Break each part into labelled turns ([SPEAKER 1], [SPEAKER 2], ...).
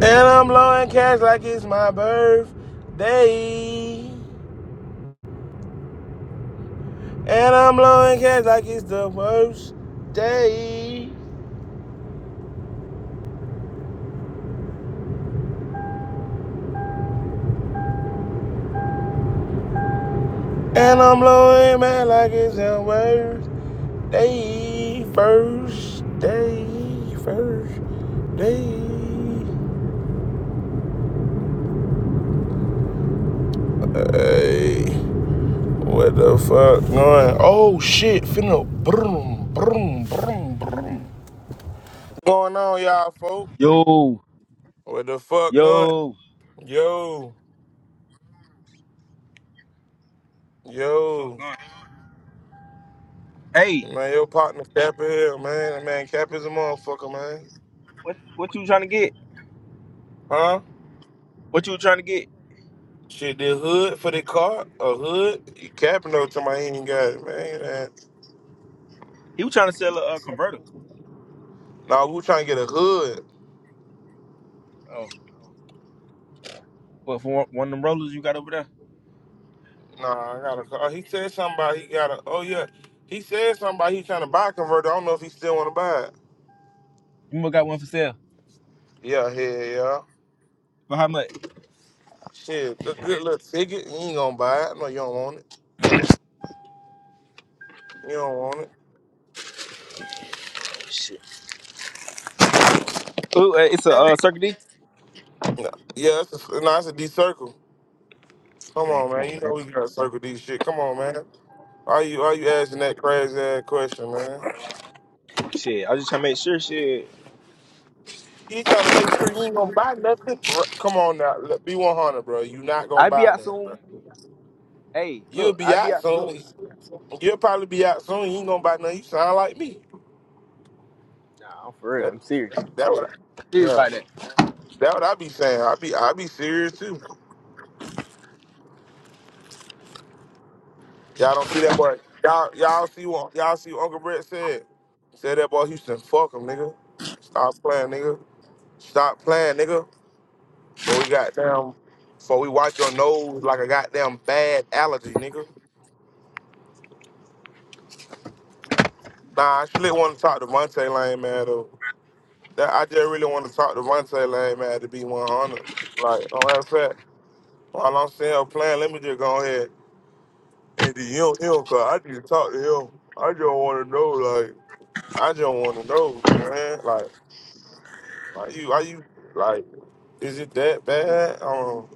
[SPEAKER 1] And I'm blowing cash like it's my birthday. And I'm blowing cash like it's the worst day. And I'm blowing man like it's the worst day. First day. First day. Hey, what the fuck going? Oh shit, finna brum brum brum brum. What's Going on, y'all, folk?
[SPEAKER 2] Yo,
[SPEAKER 1] What the fuck going?
[SPEAKER 2] yo.
[SPEAKER 1] Yo,
[SPEAKER 2] Fuck
[SPEAKER 1] yo.
[SPEAKER 2] going. Hey,
[SPEAKER 1] Man, your partner Cap in here, man. That Man, Cap is a motherfucker, man.
[SPEAKER 2] what what you trying to get?
[SPEAKER 1] Huh?
[SPEAKER 2] What you trying to get?
[SPEAKER 1] Shit, the hood for the car? A hood? You capping though to my ain't even got it, man. That-
[SPEAKER 2] He was trying to sell a, uh converter.
[SPEAKER 1] Nah, we trying to get a hood.
[SPEAKER 2] Oh, but for one, one of them rollers you got over there,
[SPEAKER 1] Nah, I got a car. He said something about he got a, oh yeah. He said something about he trying to buy a converter. I don't know if he still want to buy it.
[SPEAKER 2] you must got one for sale.
[SPEAKER 1] Yeah, hell yeah.
[SPEAKER 2] For how much?
[SPEAKER 1] Shit, a good little ticket. You ain't gonna buy it. I know you don't want it. You don't want it.
[SPEAKER 2] Ooh, uh, it's a uh,
[SPEAKER 1] Right.
[SPEAKER 2] Circuit D.
[SPEAKER 1] No. Yeah, it's a, nah, it's a D circle. Come
[SPEAKER 2] Man,
[SPEAKER 1] on,
[SPEAKER 2] come
[SPEAKER 1] man. You
[SPEAKER 2] on,
[SPEAKER 1] know
[SPEAKER 2] man.
[SPEAKER 1] we got to circle D shit. Come on, man. Why you why you asking that crazy ass question, man?
[SPEAKER 2] Shit, I was just trying to make sure. Shit,
[SPEAKER 1] You trying to make sure you ain't gonna buy nothing? Bro, come on now, look, be one hundred, bro. You not gonna
[SPEAKER 2] I be
[SPEAKER 1] buy
[SPEAKER 2] out
[SPEAKER 1] nothing, bro.
[SPEAKER 2] soon. Hey,
[SPEAKER 1] You'll
[SPEAKER 2] look,
[SPEAKER 1] be
[SPEAKER 2] I be
[SPEAKER 1] out
[SPEAKER 2] out soon.
[SPEAKER 1] soon. You'll probably be out soon. You ain't gonna buy nothing. You sound like me.
[SPEAKER 2] Nah, I'm for real.
[SPEAKER 1] That
[SPEAKER 2] I'm serious.
[SPEAKER 1] that what? I,
[SPEAKER 2] serious
[SPEAKER 1] yeah,
[SPEAKER 2] about that.
[SPEAKER 1] that what I be saying. I be I be serious too. Y'all don't see that boy. Y'all y'all see what y'all see what Uncle Brett said. Said that boy Houston, fuck him, nigga. Stop playing, nigga. Stop playing, nigga. So we got damn. So we wipe your nose like a goddamn bad allergy, nigga. Nah, I really want to talk to Vontae Lane, man. Though that I just really want to talk to Vontae Lane, man. To be one hundred, like on that set. While I'm sitting here playing, let me just go ahead and DM him, cause I need to talk to him. I just want to know, like, I just want to know, man. Like, are you, are you, like, is it that bad? Um,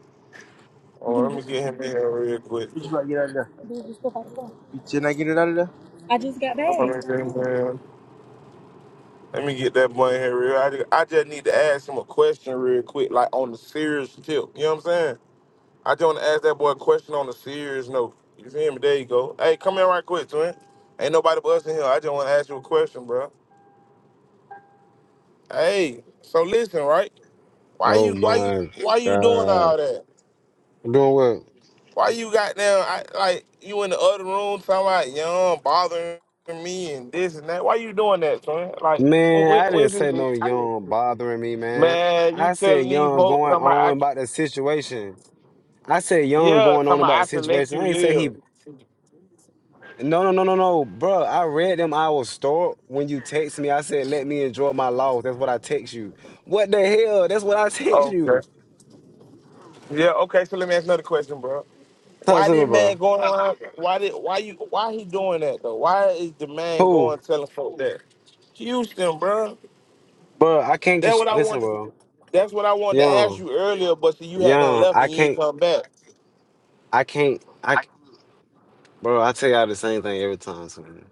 [SPEAKER 1] oh, let me get him in here real quick.
[SPEAKER 2] What you about to get out of there? Dude, just stuff out the car. You did not get it out of there? I just got
[SPEAKER 1] I'm
[SPEAKER 2] back.
[SPEAKER 1] gonna get him in. Let me get that boy in here real. I just, I just need to ask him a question real quick, like on the serious tip. You know what I'm saying? I just want to ask that boy a question on the serious note. You feel me? There you go. Hey, come in right quick, twin. Ain't nobody but us in here. I just want to ask you a question, bro. Hey, so listen, right? Why
[SPEAKER 3] Oh
[SPEAKER 1] you, why you,
[SPEAKER 3] my
[SPEAKER 1] why you doing
[SPEAKER 3] God.
[SPEAKER 1] all that?
[SPEAKER 3] I'm doing well.
[SPEAKER 1] Why you got down? I, like you in the other room talking about young bothering me and this and that. Why you doing that, twin? Like when,
[SPEAKER 3] Man,
[SPEAKER 1] when,
[SPEAKER 3] I didn't
[SPEAKER 1] when's
[SPEAKER 3] say
[SPEAKER 1] it?
[SPEAKER 3] no young bothering me, man.
[SPEAKER 1] Man, you
[SPEAKER 3] I said
[SPEAKER 1] telling these
[SPEAKER 3] young
[SPEAKER 1] folks
[SPEAKER 3] going
[SPEAKER 1] somebody
[SPEAKER 3] on
[SPEAKER 1] I
[SPEAKER 3] about the situation. I said young
[SPEAKER 1] Yeah,
[SPEAKER 3] going on
[SPEAKER 1] somebody
[SPEAKER 3] about
[SPEAKER 1] I
[SPEAKER 3] the
[SPEAKER 1] should let
[SPEAKER 3] situation.
[SPEAKER 1] you
[SPEAKER 3] I ain't say he
[SPEAKER 1] live.
[SPEAKER 3] no no no no no bro. I read them I was store when you text me. I said let me enjoy my loss. That's what I text you. What the hell? That's what I text you.
[SPEAKER 1] Okay. Yeah, okay, so let me ask another question, bro.
[SPEAKER 3] Talk
[SPEAKER 1] Why
[SPEAKER 3] to me,
[SPEAKER 1] did
[SPEAKER 3] bro.
[SPEAKER 1] man go around why did why you why he doing that though? Why is the man
[SPEAKER 3] Who?
[SPEAKER 1] going telling folk that? Houston, bro.
[SPEAKER 3] Bro, I can't
[SPEAKER 1] That's
[SPEAKER 3] cons-
[SPEAKER 1] what I
[SPEAKER 3] listen,
[SPEAKER 1] wanted.
[SPEAKER 3] bro.
[SPEAKER 1] that's what I wanted to ask
[SPEAKER 3] Young.
[SPEAKER 1] you earlier, but see you had done
[SPEAKER 3] Young.
[SPEAKER 1] left
[SPEAKER 3] I
[SPEAKER 1] and you ain't
[SPEAKER 3] can't
[SPEAKER 1] come back.
[SPEAKER 3] I can't I Bro, I tell y'all the same thing every time, son.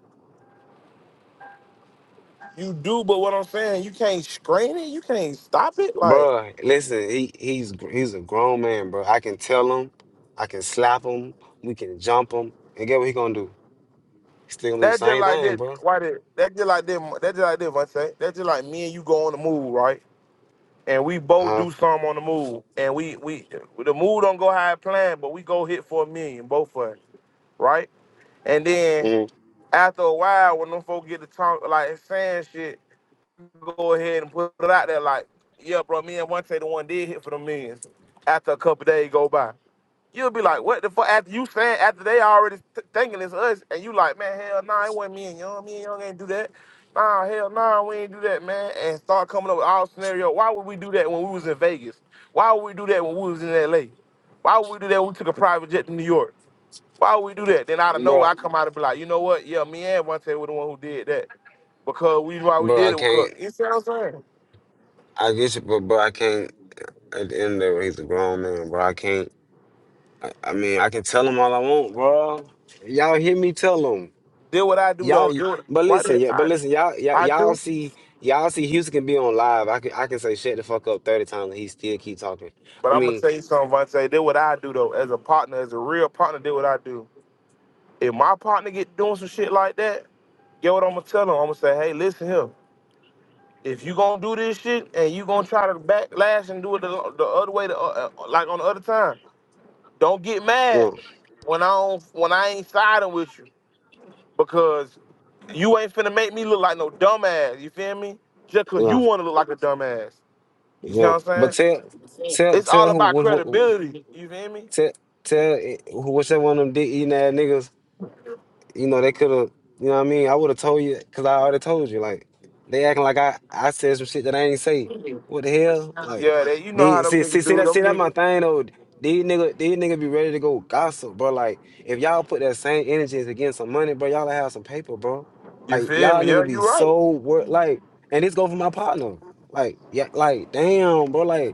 [SPEAKER 1] You do, but what I'm saying, you can't screen it, you can't stop it. Like
[SPEAKER 3] Bro, listen, he he's gr- he's a grown man, bro. I can tell him, I can slap him, we can jump him, and get what he gonna do? He still gonna do the
[SPEAKER 1] that just
[SPEAKER 3] same
[SPEAKER 1] like
[SPEAKER 3] thing,
[SPEAKER 1] that
[SPEAKER 3] bro.
[SPEAKER 1] why did that just like that that just like that, Monte. That just like me and you go on the move, right? and we both
[SPEAKER 3] Uh,
[SPEAKER 1] do something on the move. And we we the move don't go how I planned, but we go hit for a million, both of us, right? And then
[SPEAKER 3] mm,
[SPEAKER 1] after a while, when them folks get to talk like saying shit, go ahead and put it out there like, yeah, bro, me and one the one did hit for the millions. After a couple days go by. You'll be like, what the fuck? After you saying, after they already th- thinking it's us, and you like, man, hell nah, it wasn't me and Young. Me and Young ain't do that. Nah, hell nah, we ain't do that, man. And start coming up with all scenario. Why would we do that when we was in Vegas? Why would we do that when we was in L.A.? Why would we do that when we took a private jet to New York? Why would we do that? Then out of nowhere,
[SPEAKER 3] bro,
[SPEAKER 1] I come out and be like, you know what? Yeah, me and Vontae were the one who did that because we why we
[SPEAKER 3] bro,
[SPEAKER 1] did
[SPEAKER 3] I
[SPEAKER 1] it. Because
[SPEAKER 3] can't.
[SPEAKER 1] you see what I'm saying?
[SPEAKER 3] I get you, but bro, I can't. At the end of the day, he's a grown man, bro. I can't. I, I mean, I can tell him all I want, bro. Y'all hear me tell him.
[SPEAKER 1] Did what I do
[SPEAKER 3] Y'all,
[SPEAKER 1] though?
[SPEAKER 3] y-
[SPEAKER 1] Do what,
[SPEAKER 3] but
[SPEAKER 1] why
[SPEAKER 3] listen,
[SPEAKER 1] did
[SPEAKER 3] yeah, but
[SPEAKER 1] I?
[SPEAKER 3] listen, y'all, y'all,
[SPEAKER 1] I do.
[SPEAKER 3] y'all see, y'all see, Houston can be on live. I can, I can say shut the fuck up thirty times, and he still keep talking.
[SPEAKER 1] But
[SPEAKER 3] I
[SPEAKER 1] I'm gonna
[SPEAKER 3] mean,
[SPEAKER 1] tell you something, Vontae. Did what I do though, as a partner, as a real partner, did what I do. If my partner get doing some shit like that, get what I'm gonna tell him. I'm gonna say, hey, listen here. If you gonna do this shit and you gonna try to backlash and do it the, the other way, the, uh, uh, like on the other time, don't get mad
[SPEAKER 3] yeah,
[SPEAKER 1] when I don't, when I ain't siding with you because you ain't finna make me look like no dumbass. You feel me? Just cause you
[SPEAKER 3] yeah,
[SPEAKER 1] wanna look like a dumbass. You see
[SPEAKER 3] yeah.
[SPEAKER 1] what
[SPEAKER 3] But
[SPEAKER 1] I'm
[SPEAKER 3] tell,
[SPEAKER 1] saying?
[SPEAKER 3] tell,
[SPEAKER 1] It's all
[SPEAKER 3] tell who,
[SPEAKER 1] about
[SPEAKER 3] what, what,
[SPEAKER 1] credibility. You feel me?
[SPEAKER 3] tell, tell eh, who- whichever one of them dick eating ass niggas you know, they could have, you know what I mean? I would have told you, because I already told you, like, they acting like I, I said some shit that I ain't say. What the hell? Like,
[SPEAKER 1] Yeah, they, you know how
[SPEAKER 3] they,
[SPEAKER 1] them
[SPEAKER 3] see, see,
[SPEAKER 1] niggas
[SPEAKER 3] see,
[SPEAKER 1] do
[SPEAKER 3] that, see,
[SPEAKER 1] them
[SPEAKER 3] that my
[SPEAKER 1] niggas.
[SPEAKER 3] thing, though. These nigga, these nigga be ready to go gossip, bro. Like, if y'all put that same energy into getting some money, bro, y'all have some paper, bro.
[SPEAKER 1] You
[SPEAKER 3] Like,
[SPEAKER 1] feel
[SPEAKER 3] y'all
[SPEAKER 1] me? Yeah,
[SPEAKER 3] nigga be
[SPEAKER 1] you right.
[SPEAKER 3] so work, like, and this go for my partner. Like, yeah, like, damn, bro, like,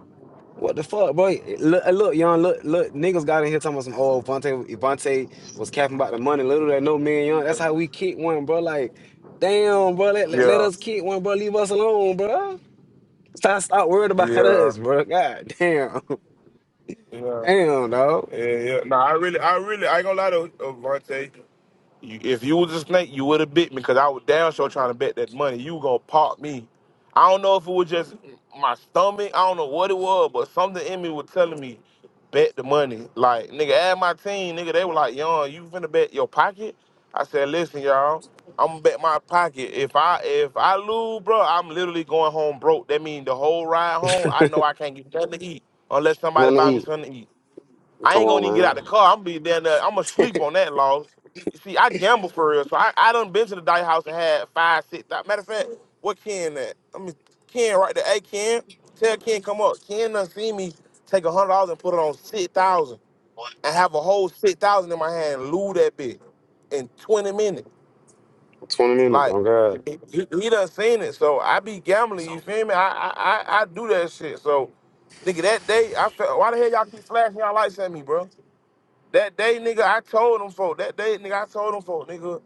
[SPEAKER 3] what the fuck, bro? Look, uh, look, young, look, look, niggas got in here talking about some old Vontae. Vontae was capping about the money. Little that no man, young. That's how we kick one, bro. Like, damn, bro. Let, let, let
[SPEAKER 1] Yeah,
[SPEAKER 3] us kick one, bro. Leave us alone, bro. Stop, stop worrying
[SPEAKER 1] yeah,
[SPEAKER 3] about
[SPEAKER 1] yeah,
[SPEAKER 3] us, bro. God damn,
[SPEAKER 1] yeah,
[SPEAKER 3] damn, dog.
[SPEAKER 1] yeah. Nah, I really, I really, I ain't gonna lie to uh, Vontae. You, if you was a snake, you would have bit me because I was down sure trying to bet that money. You gonna pop me. I don't know if it was just my stomach. I don't know what it was, but something in me was telling me bet the money. Like nigga, add my team, nigga. They were like, "Young, you finna bet your pocket?" I said, "Listen, y'all, I'm gonna bet my pocket. If I if I lose, bro, I'm literally going home broke. That means the whole ride home, I know I can't get nothing to eat unless somebody
[SPEAKER 3] Nothing to
[SPEAKER 1] buy me
[SPEAKER 3] eat.
[SPEAKER 1] something to eat." I
[SPEAKER 3] Come
[SPEAKER 1] ain't gonna even
[SPEAKER 3] on,
[SPEAKER 1] get out
[SPEAKER 3] man.
[SPEAKER 1] the car. I'm gonna be down there. I'm gonna sleep on that loss. You see, I gamble for real, so I, I done been to the dice house and had five, six. thou- Matter of fact, what Ken that? I mean, Ken right there. Hey, Ken, tell Ken come up. Ken done seen me take a hundred dollars and put it on six thousand and have a whole six thousand in my hand, and lose that bitch in twenty minutes.
[SPEAKER 3] Twenty minutes.
[SPEAKER 1] Like
[SPEAKER 3] Oh God,
[SPEAKER 1] he, he done seen it, so I be gambling. You feel me? I I I, I do that shit. So nigga, that day I felt. Why the hell y'all keep flashing y'all lights at me, bro? That day, nigga, I told them for that day, nigga, I told them for nigga.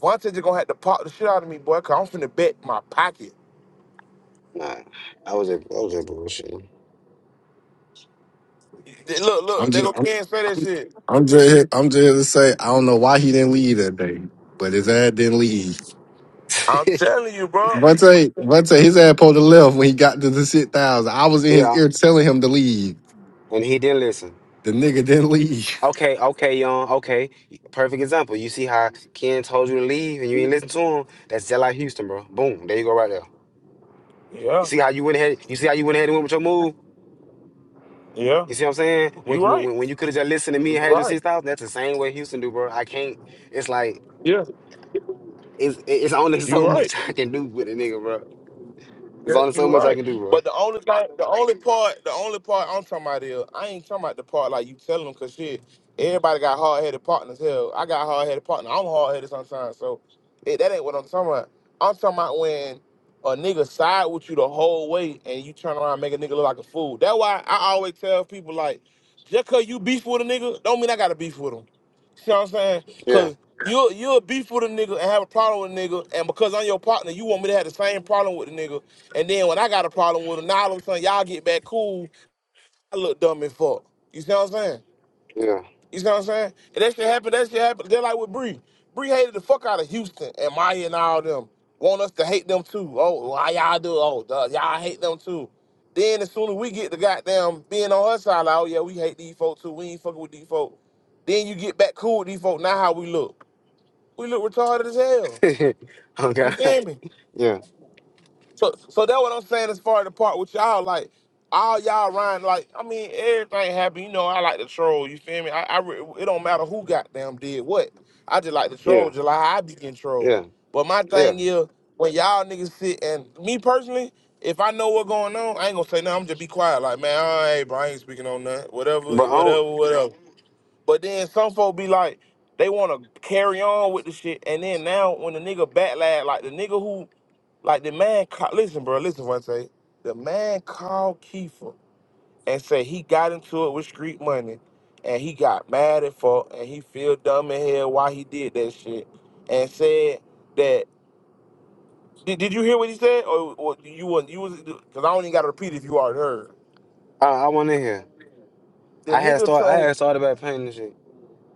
[SPEAKER 1] Vontae just gonna have to pop the shit out of me, boy, cause I'm finna bet my pocket.
[SPEAKER 3] nah. I was just, I was just bullshitting.
[SPEAKER 1] They- Look,
[SPEAKER 4] I'm
[SPEAKER 1] look, they
[SPEAKER 4] just
[SPEAKER 1] gonna
[SPEAKER 4] I'm
[SPEAKER 1] can't say that
[SPEAKER 4] I'm,
[SPEAKER 1] shit.
[SPEAKER 4] I'm just here, I'm just here to say I don't know why he didn't leave that day, but his ass didn't leave.
[SPEAKER 1] I'm telling you, bro.
[SPEAKER 4] Vontae, Vontae, his ass pulled the left when he got to the shit thousand. I was in his
[SPEAKER 3] yeah,
[SPEAKER 4] ear telling him to leave.
[SPEAKER 3] and he didn't listen.
[SPEAKER 4] The nigga didn't leave.
[SPEAKER 3] Okay, okay, young. Okay, perfect example. You see how Ken told you to leave and you ain't listen to him. That's just like Houston, bro. Boom, there you go, right there. You
[SPEAKER 1] Yeah,
[SPEAKER 3] see how you went ahead. You see how you went ahead and went with your move.
[SPEAKER 1] yeah.
[SPEAKER 3] You see what I'm saying? When
[SPEAKER 1] You right.
[SPEAKER 3] when, when you could have just listened to
[SPEAKER 1] You
[SPEAKER 3] me and had your
[SPEAKER 1] right.
[SPEAKER 3] six thousand, that's the same way Houston do, bro. I can't. It's like
[SPEAKER 1] Yeah,
[SPEAKER 3] it's it's only so
[SPEAKER 1] you right.
[SPEAKER 3] much I can do with a nigga, bro. It's
[SPEAKER 1] You're,
[SPEAKER 3] only so
[SPEAKER 1] you're
[SPEAKER 3] much I
[SPEAKER 1] right.
[SPEAKER 3] can do, bro.
[SPEAKER 1] But the only thing, the only part, the only part I'm talking about is I ain't talking about the part like you telling them because shit, everybody got hard headed partners. Hell, I got hard headed partner. I'm hard headed sometimes, so it, that ain't what I'm talking about. I'm talking about when a nigga side with you the whole way and you turn around and make a nigga look like a fool. That's why I always tell people like, just cause you beef with a nigga, don't mean I gotta beef with him. See what I'm saying?
[SPEAKER 3] Yeah,
[SPEAKER 1] Cause you you'll beef with a nigga and have a problem with a nigga, and because I'm your partner, you want me to have the same problem with the nigga and then when I got a problem with them, now all of a sudden y'all get back cool. I look dumb as fuck. You see what I'm saying?
[SPEAKER 3] yeah.
[SPEAKER 1] You see what I'm saying? And that shit happened. That shit happened. Just like with Bree. Bree hated the fuck out of Houston and Maya and all them. Want us to hate them too. Oh, why y'all do? Oh, duh, y'all hate them too. Then as soon as we get the goddamn being on her side, like, oh yeah, we hate these folks too. We ain't fucking with these folks. Then you get back cool with these folks. Now how we look? We look retarded as hell.
[SPEAKER 3] oh
[SPEAKER 1] You
[SPEAKER 3] God.
[SPEAKER 1] feel me?
[SPEAKER 3] Yeah,
[SPEAKER 1] So, so that what I'm saying as far as the part with y'all, like all y'all riding, like I mean, everything happen. You know, I like to troll. You feel me? I, I re- it don't matter who goddamn did what. I just like to troll.
[SPEAKER 3] yeah,
[SPEAKER 1] July, I be getting trolled.
[SPEAKER 3] yeah,
[SPEAKER 1] But my
[SPEAKER 3] yeah.
[SPEAKER 1] thing is, when y'all niggas sit and me personally, if I know what going on, I ain't gonna say nothing. I'm just be quiet. Like man, all right, bro, I ain't speaking on nothing.
[SPEAKER 3] Bro,
[SPEAKER 1] Whatever,
[SPEAKER 3] I don't.
[SPEAKER 1] whatever, whatever. But then some folk be like, they want to carry on with the shit, and then now when the nigga backlash, like the nigga who like the man, ca- listen, bro, listen. One say the man called Kiefer and said he got into it with street money, and he got mad at fuck, and he feel dumb in hell why he did that shit, and said that. Did, did you hear what he said, or, or you was you was? Cause I don't even gotta repeat if you already heard.
[SPEAKER 3] I, I want in here.
[SPEAKER 1] The
[SPEAKER 3] I had
[SPEAKER 1] nigga
[SPEAKER 3] start. I
[SPEAKER 1] told
[SPEAKER 3] had started about painting and shit.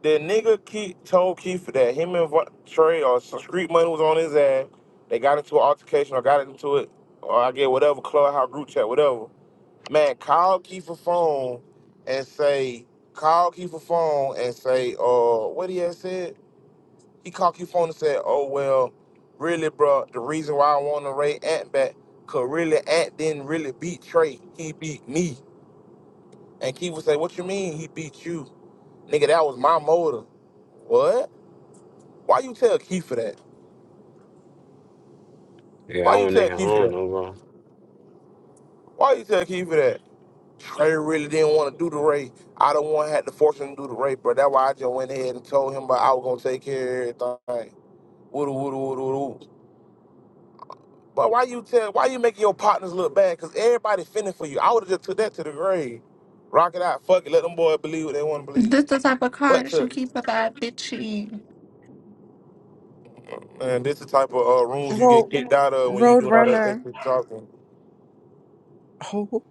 [SPEAKER 1] the nigga Keith told Keith that him and Va- Trey or some street money was on his ass. They got into an altercation or got into it, or I get whatever, clubhouse group chat, whatever. Man, call Kiefer phone and say, call Kiefer phone and say, uh, what he had said? He called Kiefer phone and said, oh, well, really, bro, the reason why I want to rate Ant back, because really, Ant didn't really beat Trey. He beat me. And Kiefer say, what you mean he beat you? Nigga, that was my motor. What? Why you tell Kiefer that?
[SPEAKER 3] Yeah,
[SPEAKER 1] Why
[SPEAKER 3] I
[SPEAKER 1] you
[SPEAKER 3] went in
[SPEAKER 1] tell
[SPEAKER 3] here. I
[SPEAKER 1] Kiefer
[SPEAKER 3] don't
[SPEAKER 1] that?
[SPEAKER 3] know, bro.
[SPEAKER 1] Why you tell Kiefer that? Trey really didn't want to do the race. I don't want to have to force him to do the race, but that's why I just went ahead and told him But I was gonna take care of everything. Woo woo woo woo. But why you tell why you making your partners look bad? Cause everybody fending for you. I would have just took that to the grave. Rock it out, fuck it, let them boys believe what they want to believe.
[SPEAKER 5] This the type of card
[SPEAKER 1] But
[SPEAKER 5] that you
[SPEAKER 1] to
[SPEAKER 5] keep a bad bitch in.
[SPEAKER 1] man, this the type of uh, rooms you
[SPEAKER 6] Road
[SPEAKER 1] get kicked out of when you doing all that
[SPEAKER 6] Roadrunner.
[SPEAKER 1] extra talking.
[SPEAKER 6] Oh,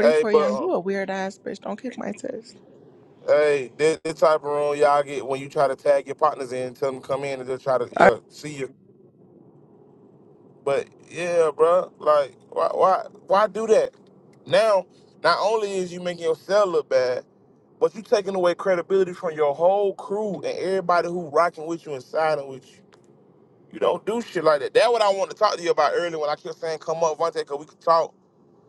[SPEAKER 1] Hey, but
[SPEAKER 6] young.
[SPEAKER 1] uh,
[SPEAKER 6] You a weird ass bitch. Don't kick my test.
[SPEAKER 1] hey, this, this type of room y'all get when you try to tag your partners in, tell them come in and just try to uh, see you. But yeah, bro, like why why why do that? Now, not only is you making yourself look bad, but you taking away credibility from your whole crew and everybody who rocking with you and siding with you. You don't do shit like that. That's what I want to talk to you about earlier when I kept saying come up, Vontae, cause we could talk.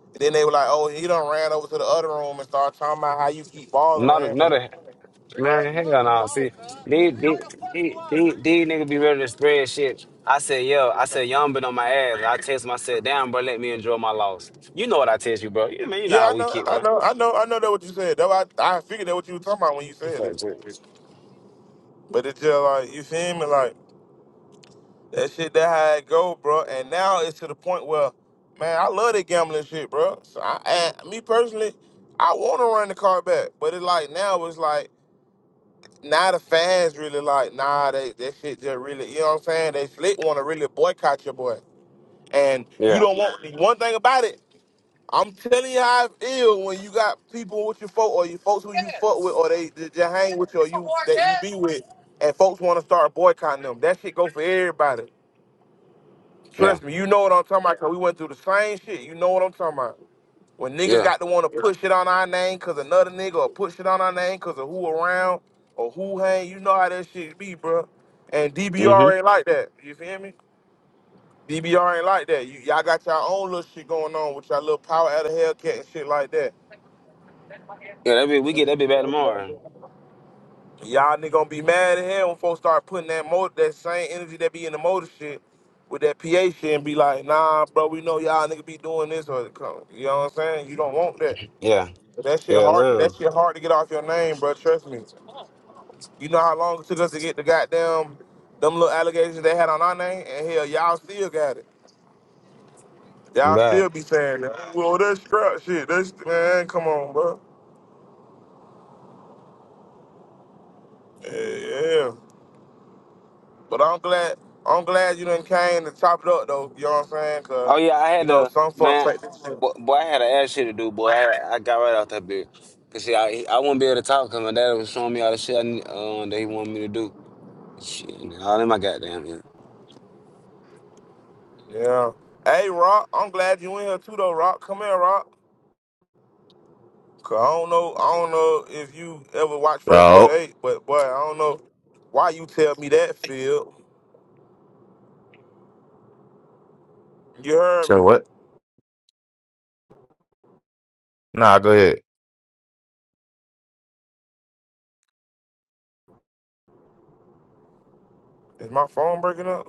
[SPEAKER 1] And then they were like, oh, he done ran over to the other room and started talking about how you keep
[SPEAKER 3] Not a,
[SPEAKER 1] bothering
[SPEAKER 3] not
[SPEAKER 1] him.
[SPEAKER 3] a man. Hell no. See, these these these these these niggas be ready to spread shit. I said, yo, I said, y'all been on my ass. I text him, I said, damn, bro, let me enjoy my loss. You know what I text you, bro. You mean you know
[SPEAKER 1] Yeah, I
[SPEAKER 3] how we
[SPEAKER 1] know,
[SPEAKER 3] kick
[SPEAKER 1] I
[SPEAKER 3] one?
[SPEAKER 1] know, I know, I know that what you said. That I, I figured that what you were talking about when you said that.
[SPEAKER 3] Fuck, dude.
[SPEAKER 1] But it's just like you feel me, like. That shit, that how it go, bro. And now it's to the point where, man, I love that gambling shit, bro. So I, and me personally, I want to run the car back, but it's like now it's like now the fans really like nah, they that shit just really, you know what I'm saying? They slick want to really boycott your boy, and you
[SPEAKER 3] Yeah,
[SPEAKER 1] don't want one thing about it. I'm telling you how I feel when you got people with your folk or your folks who you fuck with or they that you hang with you or you that you be with, and folks want to start boycotting them. That shit go for everybody.
[SPEAKER 3] yeah,
[SPEAKER 1] Trust me, you know what I'm talking about because we went through the same shit. You know what I'm talking about. When niggas
[SPEAKER 3] yeah.
[SPEAKER 1] got to want to push it on our name because another nigga or push it on our name because of who around or who hang, you know how that shit be, bro. And
[SPEAKER 3] hmm
[SPEAKER 1] DBR ain't like that. You feel me? DBR ain't like that. You, y'all got your own little shit going on with your little power out of Hellcat and shit like that.
[SPEAKER 3] Yeah, that be we get that be back tomorrow.
[SPEAKER 1] Y'all nigga gonna be mad as hell when folks start putting that motor, that same energy that be in the motor shit with that PA shit and be like, nah, bro, we know y'all nigga be doing this or you know what I'm saying? You don't want that.
[SPEAKER 3] Yeah,
[SPEAKER 1] That shit
[SPEAKER 3] yeah,
[SPEAKER 1] hard. That
[SPEAKER 3] no.
[SPEAKER 1] shit hard to get off your name, bro. Trust me. You know how long it took us to get the goddamn them little allegations they had on our name, and hell, y'all still got it. Y'all
[SPEAKER 3] Bye.
[SPEAKER 1] still be saying that. Oh, Well, that's scrap shit. That's man, come on, bro. Yeah, yeah. But I'm glad. I'm glad you done came to top it up, though. You know what I'm saying? Cause
[SPEAKER 3] Oh yeah, I
[SPEAKER 1] you
[SPEAKER 3] had
[SPEAKER 1] know
[SPEAKER 3] to
[SPEAKER 1] some folks
[SPEAKER 3] man,
[SPEAKER 1] like this shit.
[SPEAKER 3] boy, boy I had to ass shit to do, boy. I, I got right out that bit. Cause see, I I wouldn't be able to talk because my dad was showing me all the shit I, need- uh, that he wanted me to do. Shit, and all in my goddamn head.
[SPEAKER 1] Yeah. Hey, Rock. I'm glad you in here too, though. Rock, come here, Rock. 'Cause I don't know. I don't know if you ever watched First
[SPEAKER 7] Yo.
[SPEAKER 1] 48, but boy, I don't know why you tell me that, Phil. You heard
[SPEAKER 7] So
[SPEAKER 1] me.
[SPEAKER 7] what? Nah, go ahead.
[SPEAKER 1] Is my phone breaking up?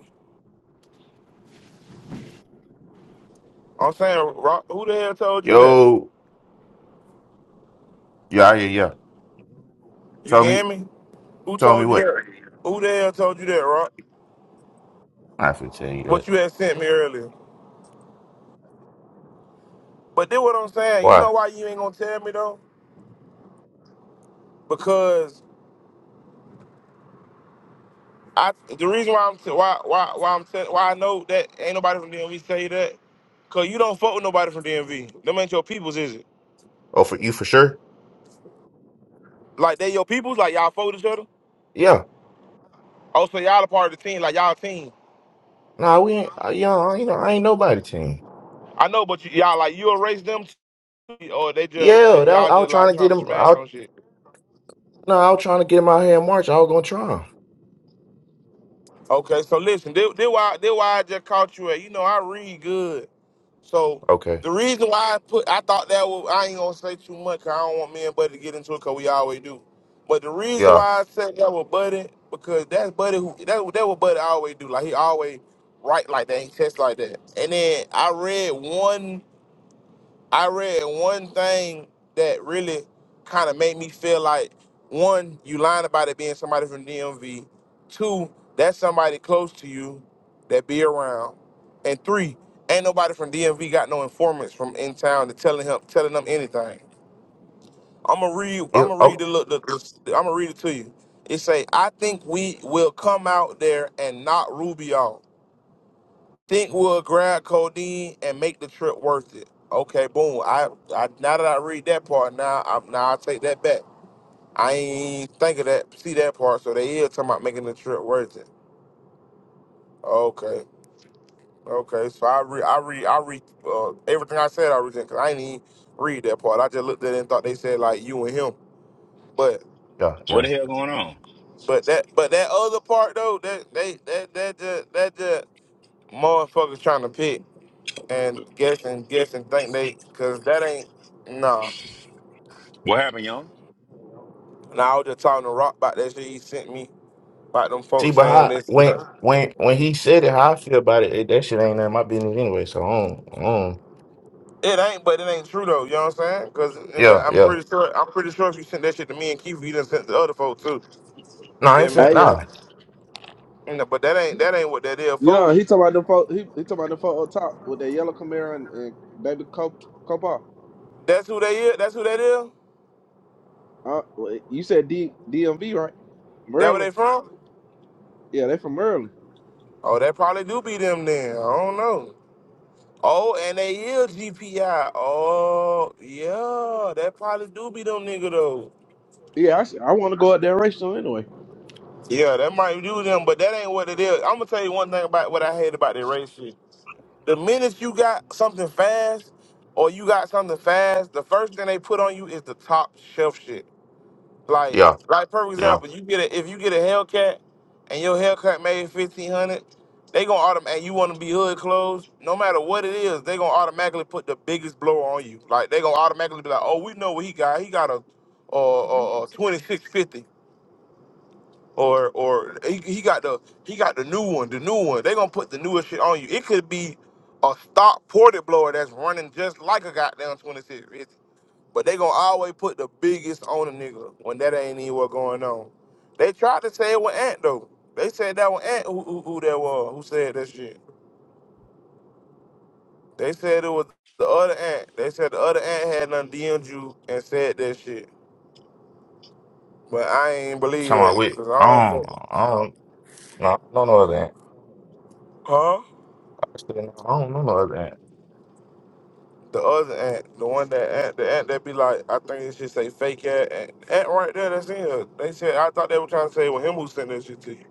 [SPEAKER 1] I'm saying, Rock, who the hell told you that?
[SPEAKER 7] Yo. Yeah, yeah, yeah.
[SPEAKER 1] You
[SPEAKER 7] Tell me,
[SPEAKER 1] can hear me? Who
[SPEAKER 7] tell me
[SPEAKER 1] told you
[SPEAKER 7] what?
[SPEAKER 1] that? Who the hell told you that, Rock?
[SPEAKER 7] I'm not finna tell you that.
[SPEAKER 1] What you had sent me earlier. But then what I'm saying, you
[SPEAKER 7] Why?
[SPEAKER 1] know why you ain't gonna tell me though? Because I the reason why I'm t- why why why I'm t- why I know that ain't nobody from DMV say that, cause you don't fuck with nobody from DMV. Them ain't your peoples, is it?
[SPEAKER 7] Oh, for you for sure?
[SPEAKER 1] Like they your peoples, like y'all fold each other.
[SPEAKER 7] Yeah.
[SPEAKER 1] Oh, so y'all a part of the team, like y'all a team.
[SPEAKER 7] Nah, we ain't. uh, Yeah, I ain't, I ain't nobody team.
[SPEAKER 1] I know, but you, y'all like you erase them, too, or they just
[SPEAKER 7] Yeah,
[SPEAKER 1] that
[SPEAKER 7] that,
[SPEAKER 1] y'all
[SPEAKER 7] I was
[SPEAKER 1] just like
[SPEAKER 7] trying to get
[SPEAKER 1] trying to
[SPEAKER 7] him.
[SPEAKER 1] smash
[SPEAKER 7] I,
[SPEAKER 1] on shit.
[SPEAKER 7] no, I was trying to get him out here in March. I was gonna try him.
[SPEAKER 1] Okay, so listen, this, this why this why I just caught you at. You know I read good, so
[SPEAKER 7] Okay.
[SPEAKER 1] the reason why I put I thought that was, I ain't gonna say too much. 'cause I don't want me and Buddy to get into it because we always do. But the reason
[SPEAKER 7] Yeah.
[SPEAKER 1] why I said that with Buddy because that's Buddy who that that what Buddy always do. Like he always write like that, he text like that. And then I read one I read one thing that really kind of made me feel like one, you lying about it being somebody from DMV. Two, that's somebody close to you that be around. And three, ain't nobody from DMV got no informants from in town to telling him telling them anything. I'ma read
[SPEAKER 7] It,
[SPEAKER 1] I'ma read
[SPEAKER 7] oh,
[SPEAKER 1] the look the, the I'ma read it to you. It say, I think we will come out there and knock Rubio think we'll grab codeine and make the trip worth it. Okay, boom. I, I now that I read that part, now I now I take that back. I ain't even think of that, see that part. So they is talking about making the trip worth it. Okay, okay. So I re I re I re uh, everything I said I read because I ain't even read that part. I just looked at it and thought they said like you and him, but
[SPEAKER 7] yeah,
[SPEAKER 8] What
[SPEAKER 7] yeah.
[SPEAKER 8] the hell going on?
[SPEAKER 1] but that but that other part though that they that that just that just motherfuckers trying to pick and guess and guess and think they because that ain't. nah.
[SPEAKER 8] What happened, young?
[SPEAKER 1] And I was just talking to Rock about that shit he sent me about them
[SPEAKER 7] See,
[SPEAKER 1] folks
[SPEAKER 7] but
[SPEAKER 1] saying
[SPEAKER 7] how,
[SPEAKER 1] this.
[SPEAKER 7] when when when he said it, how I feel about it, it that shit ain't none of my business anyway. So, um, um,
[SPEAKER 1] It ain't, but it ain't true though. You know what I'm saying? Cause
[SPEAKER 7] yeah,
[SPEAKER 1] nigga, I'm
[SPEAKER 7] yeah.
[SPEAKER 1] pretty sure I'm pretty sure if you sent that shit to me and Keith, you done sent to other folks too.
[SPEAKER 7] No, I ain't
[SPEAKER 1] Feel me?
[SPEAKER 7] saying
[SPEAKER 9] Hey yo,
[SPEAKER 7] nah.
[SPEAKER 1] You know, but that ain't that ain't what that is,
[SPEAKER 9] yeah,
[SPEAKER 1] folks.
[SPEAKER 9] he talking about the fo- he, he talking about the photo top with that yellow Camaro and, and baby Cop- Copa.
[SPEAKER 1] That's who they is. That's who that is.
[SPEAKER 9] Uh, well, you said D DMV right?
[SPEAKER 1] That where
[SPEAKER 9] Maryland.
[SPEAKER 1] they from?
[SPEAKER 9] Yeah, they from Maryland.
[SPEAKER 1] Oh, that probably do be them then. I don't know. Oh, and they is GPI. Oh, yeah, that probably do be them nigga though.
[SPEAKER 9] Yeah, I, should- I want to go out there racial anyway.
[SPEAKER 1] Yeah, that might do them, but that ain't what it is. I'm gonna tell you one thing about what I hate about the race shit. The minute you got something fast or you got something fast, the first thing they put on you is the top shelf shit. Like,
[SPEAKER 7] Yeah,
[SPEAKER 1] like for
[SPEAKER 7] yeah.
[SPEAKER 1] example, you get a, if you get a Hellcat and your Hellcat made fifteen hundred, they gonna automatically and you want to be hood closed. No matter what it is, they gonna automatically put the biggest blow on you. Like they gonna automatically be like, oh, we know what he got. He got a, a, a, a 2650 or or he, he got the he got the new one, the new one. They gonna put the newest shit on you. It could be a stock ported blower that's running just like a goddamn 2650. But they gonna always put the biggest on a nigga when that ain't even what going on. They tried to say it with Ant though. They said that was Ant who, who, who that was, who said that shit. They said it was the other Ant. They said the other Ant had nothing DM'd you and said that shit. But I ain't believe
[SPEAKER 7] Talking about
[SPEAKER 1] that,
[SPEAKER 7] we,
[SPEAKER 1] cause I don't
[SPEAKER 7] I
[SPEAKER 1] think,
[SPEAKER 7] don't, I don't, no, I don't know no other ant.
[SPEAKER 1] huh?
[SPEAKER 7] Actually, no, I don't know no other ant.
[SPEAKER 1] The other ant, the one that ant, the ant that be like, I think it should say fake ant, ant, ant right there. That's in here. They said I thought they were trying to say it with him who sent that shit to you.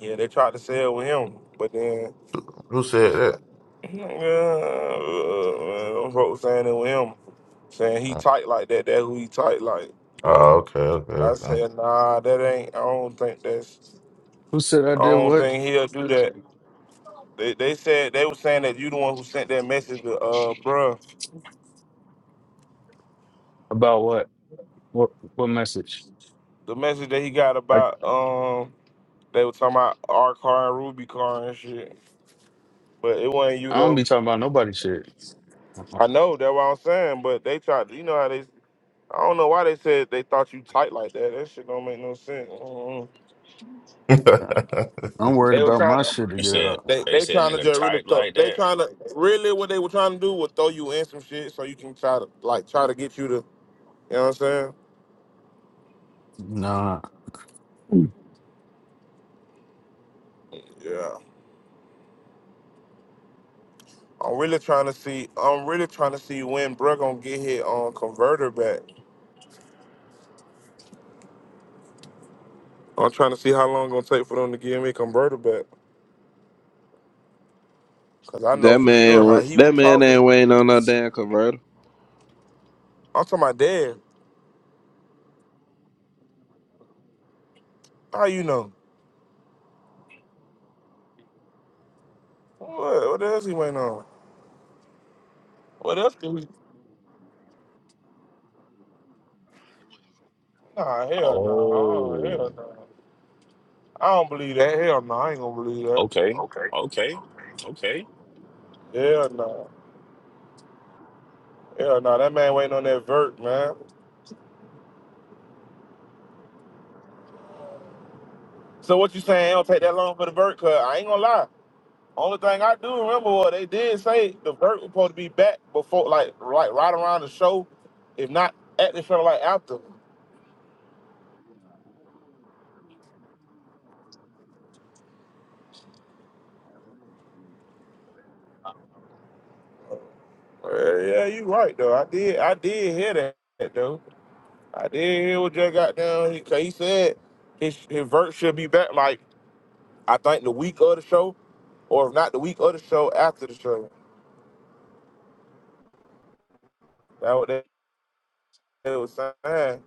[SPEAKER 1] Yeah, they tried to say it with him, but then
[SPEAKER 7] Who said that?
[SPEAKER 1] yeah, uh, folks saying it with him, saying he
[SPEAKER 7] Mm.
[SPEAKER 1] tight like that. That who he tight like. But
[SPEAKER 7] Oh, okay,
[SPEAKER 1] I
[SPEAKER 7] okay,
[SPEAKER 1] said nah, that ain't. I don't think that's.
[SPEAKER 10] Who said I
[SPEAKER 1] I
[SPEAKER 10] did
[SPEAKER 1] don't
[SPEAKER 10] what?
[SPEAKER 1] think he'll do that. They, they said they were saying that you the one who sent that message to uh bruh.
[SPEAKER 10] About what? What what message?
[SPEAKER 1] The message that he got
[SPEAKER 10] I
[SPEAKER 1] about um. They were talking about our car and Ruby car and shit. But it wasn't you
[SPEAKER 10] I don't
[SPEAKER 1] though.
[SPEAKER 10] be talking about nobody shit.
[SPEAKER 1] I know that's what I'm saying. But they tried. You know how they. I don't know why they said they thought you tight like that. That shit don't make no sense. Mm-mm.
[SPEAKER 7] okay.
[SPEAKER 10] I'm worried
[SPEAKER 1] They were
[SPEAKER 10] about
[SPEAKER 1] trying
[SPEAKER 10] my
[SPEAKER 1] to.
[SPEAKER 10] shit to
[SPEAKER 8] They
[SPEAKER 10] get
[SPEAKER 8] said
[SPEAKER 10] out.
[SPEAKER 1] They
[SPEAKER 8] they
[SPEAKER 1] they
[SPEAKER 8] said
[SPEAKER 1] trying to
[SPEAKER 8] nigga
[SPEAKER 1] just really
[SPEAKER 8] type
[SPEAKER 1] throw.
[SPEAKER 8] like
[SPEAKER 1] They
[SPEAKER 8] that.
[SPEAKER 1] trying to really what they were trying to do was throw you in some shit so you can try to like try to get you to. You know what I'm saying?
[SPEAKER 10] Nah.
[SPEAKER 1] Yeah. I'm really trying to see. I'm really trying to see when Bruh gonna get his on converter back. I'm trying to see how long it's gonna take for them to give me a converter back. Cause I know
[SPEAKER 9] That
[SPEAKER 1] for sure
[SPEAKER 9] man,
[SPEAKER 1] how
[SPEAKER 9] went,
[SPEAKER 1] he was
[SPEAKER 9] that man
[SPEAKER 1] talking.
[SPEAKER 9] ain't waiting on no damn converter.
[SPEAKER 1] I'm talking about dad. How you know? What? What else he went on? What else did we? Nah, hell no. Nah. Oh,
[SPEAKER 8] Oh,
[SPEAKER 1] Hell no. I don't believe that. Hell no. I ain't gonna believe that.
[SPEAKER 8] okay, okay, okay.
[SPEAKER 1] Hell no. Hell no. That man waiting on that vert, man. So what you saying? It don't take that long for the vert? Cause I ain't gonna lie. Only thing I do remember was they did say the vert was supposed to be back before, like, right, right around the show, if not at the show, like after. Uh, yeah, you right though. I did. I did hear that though. I did hear what Jay got down. He, 'cause he said his, his vert should be back, like, I think the week of the show, or if not the week of the show, after the show. That what they, they was saying.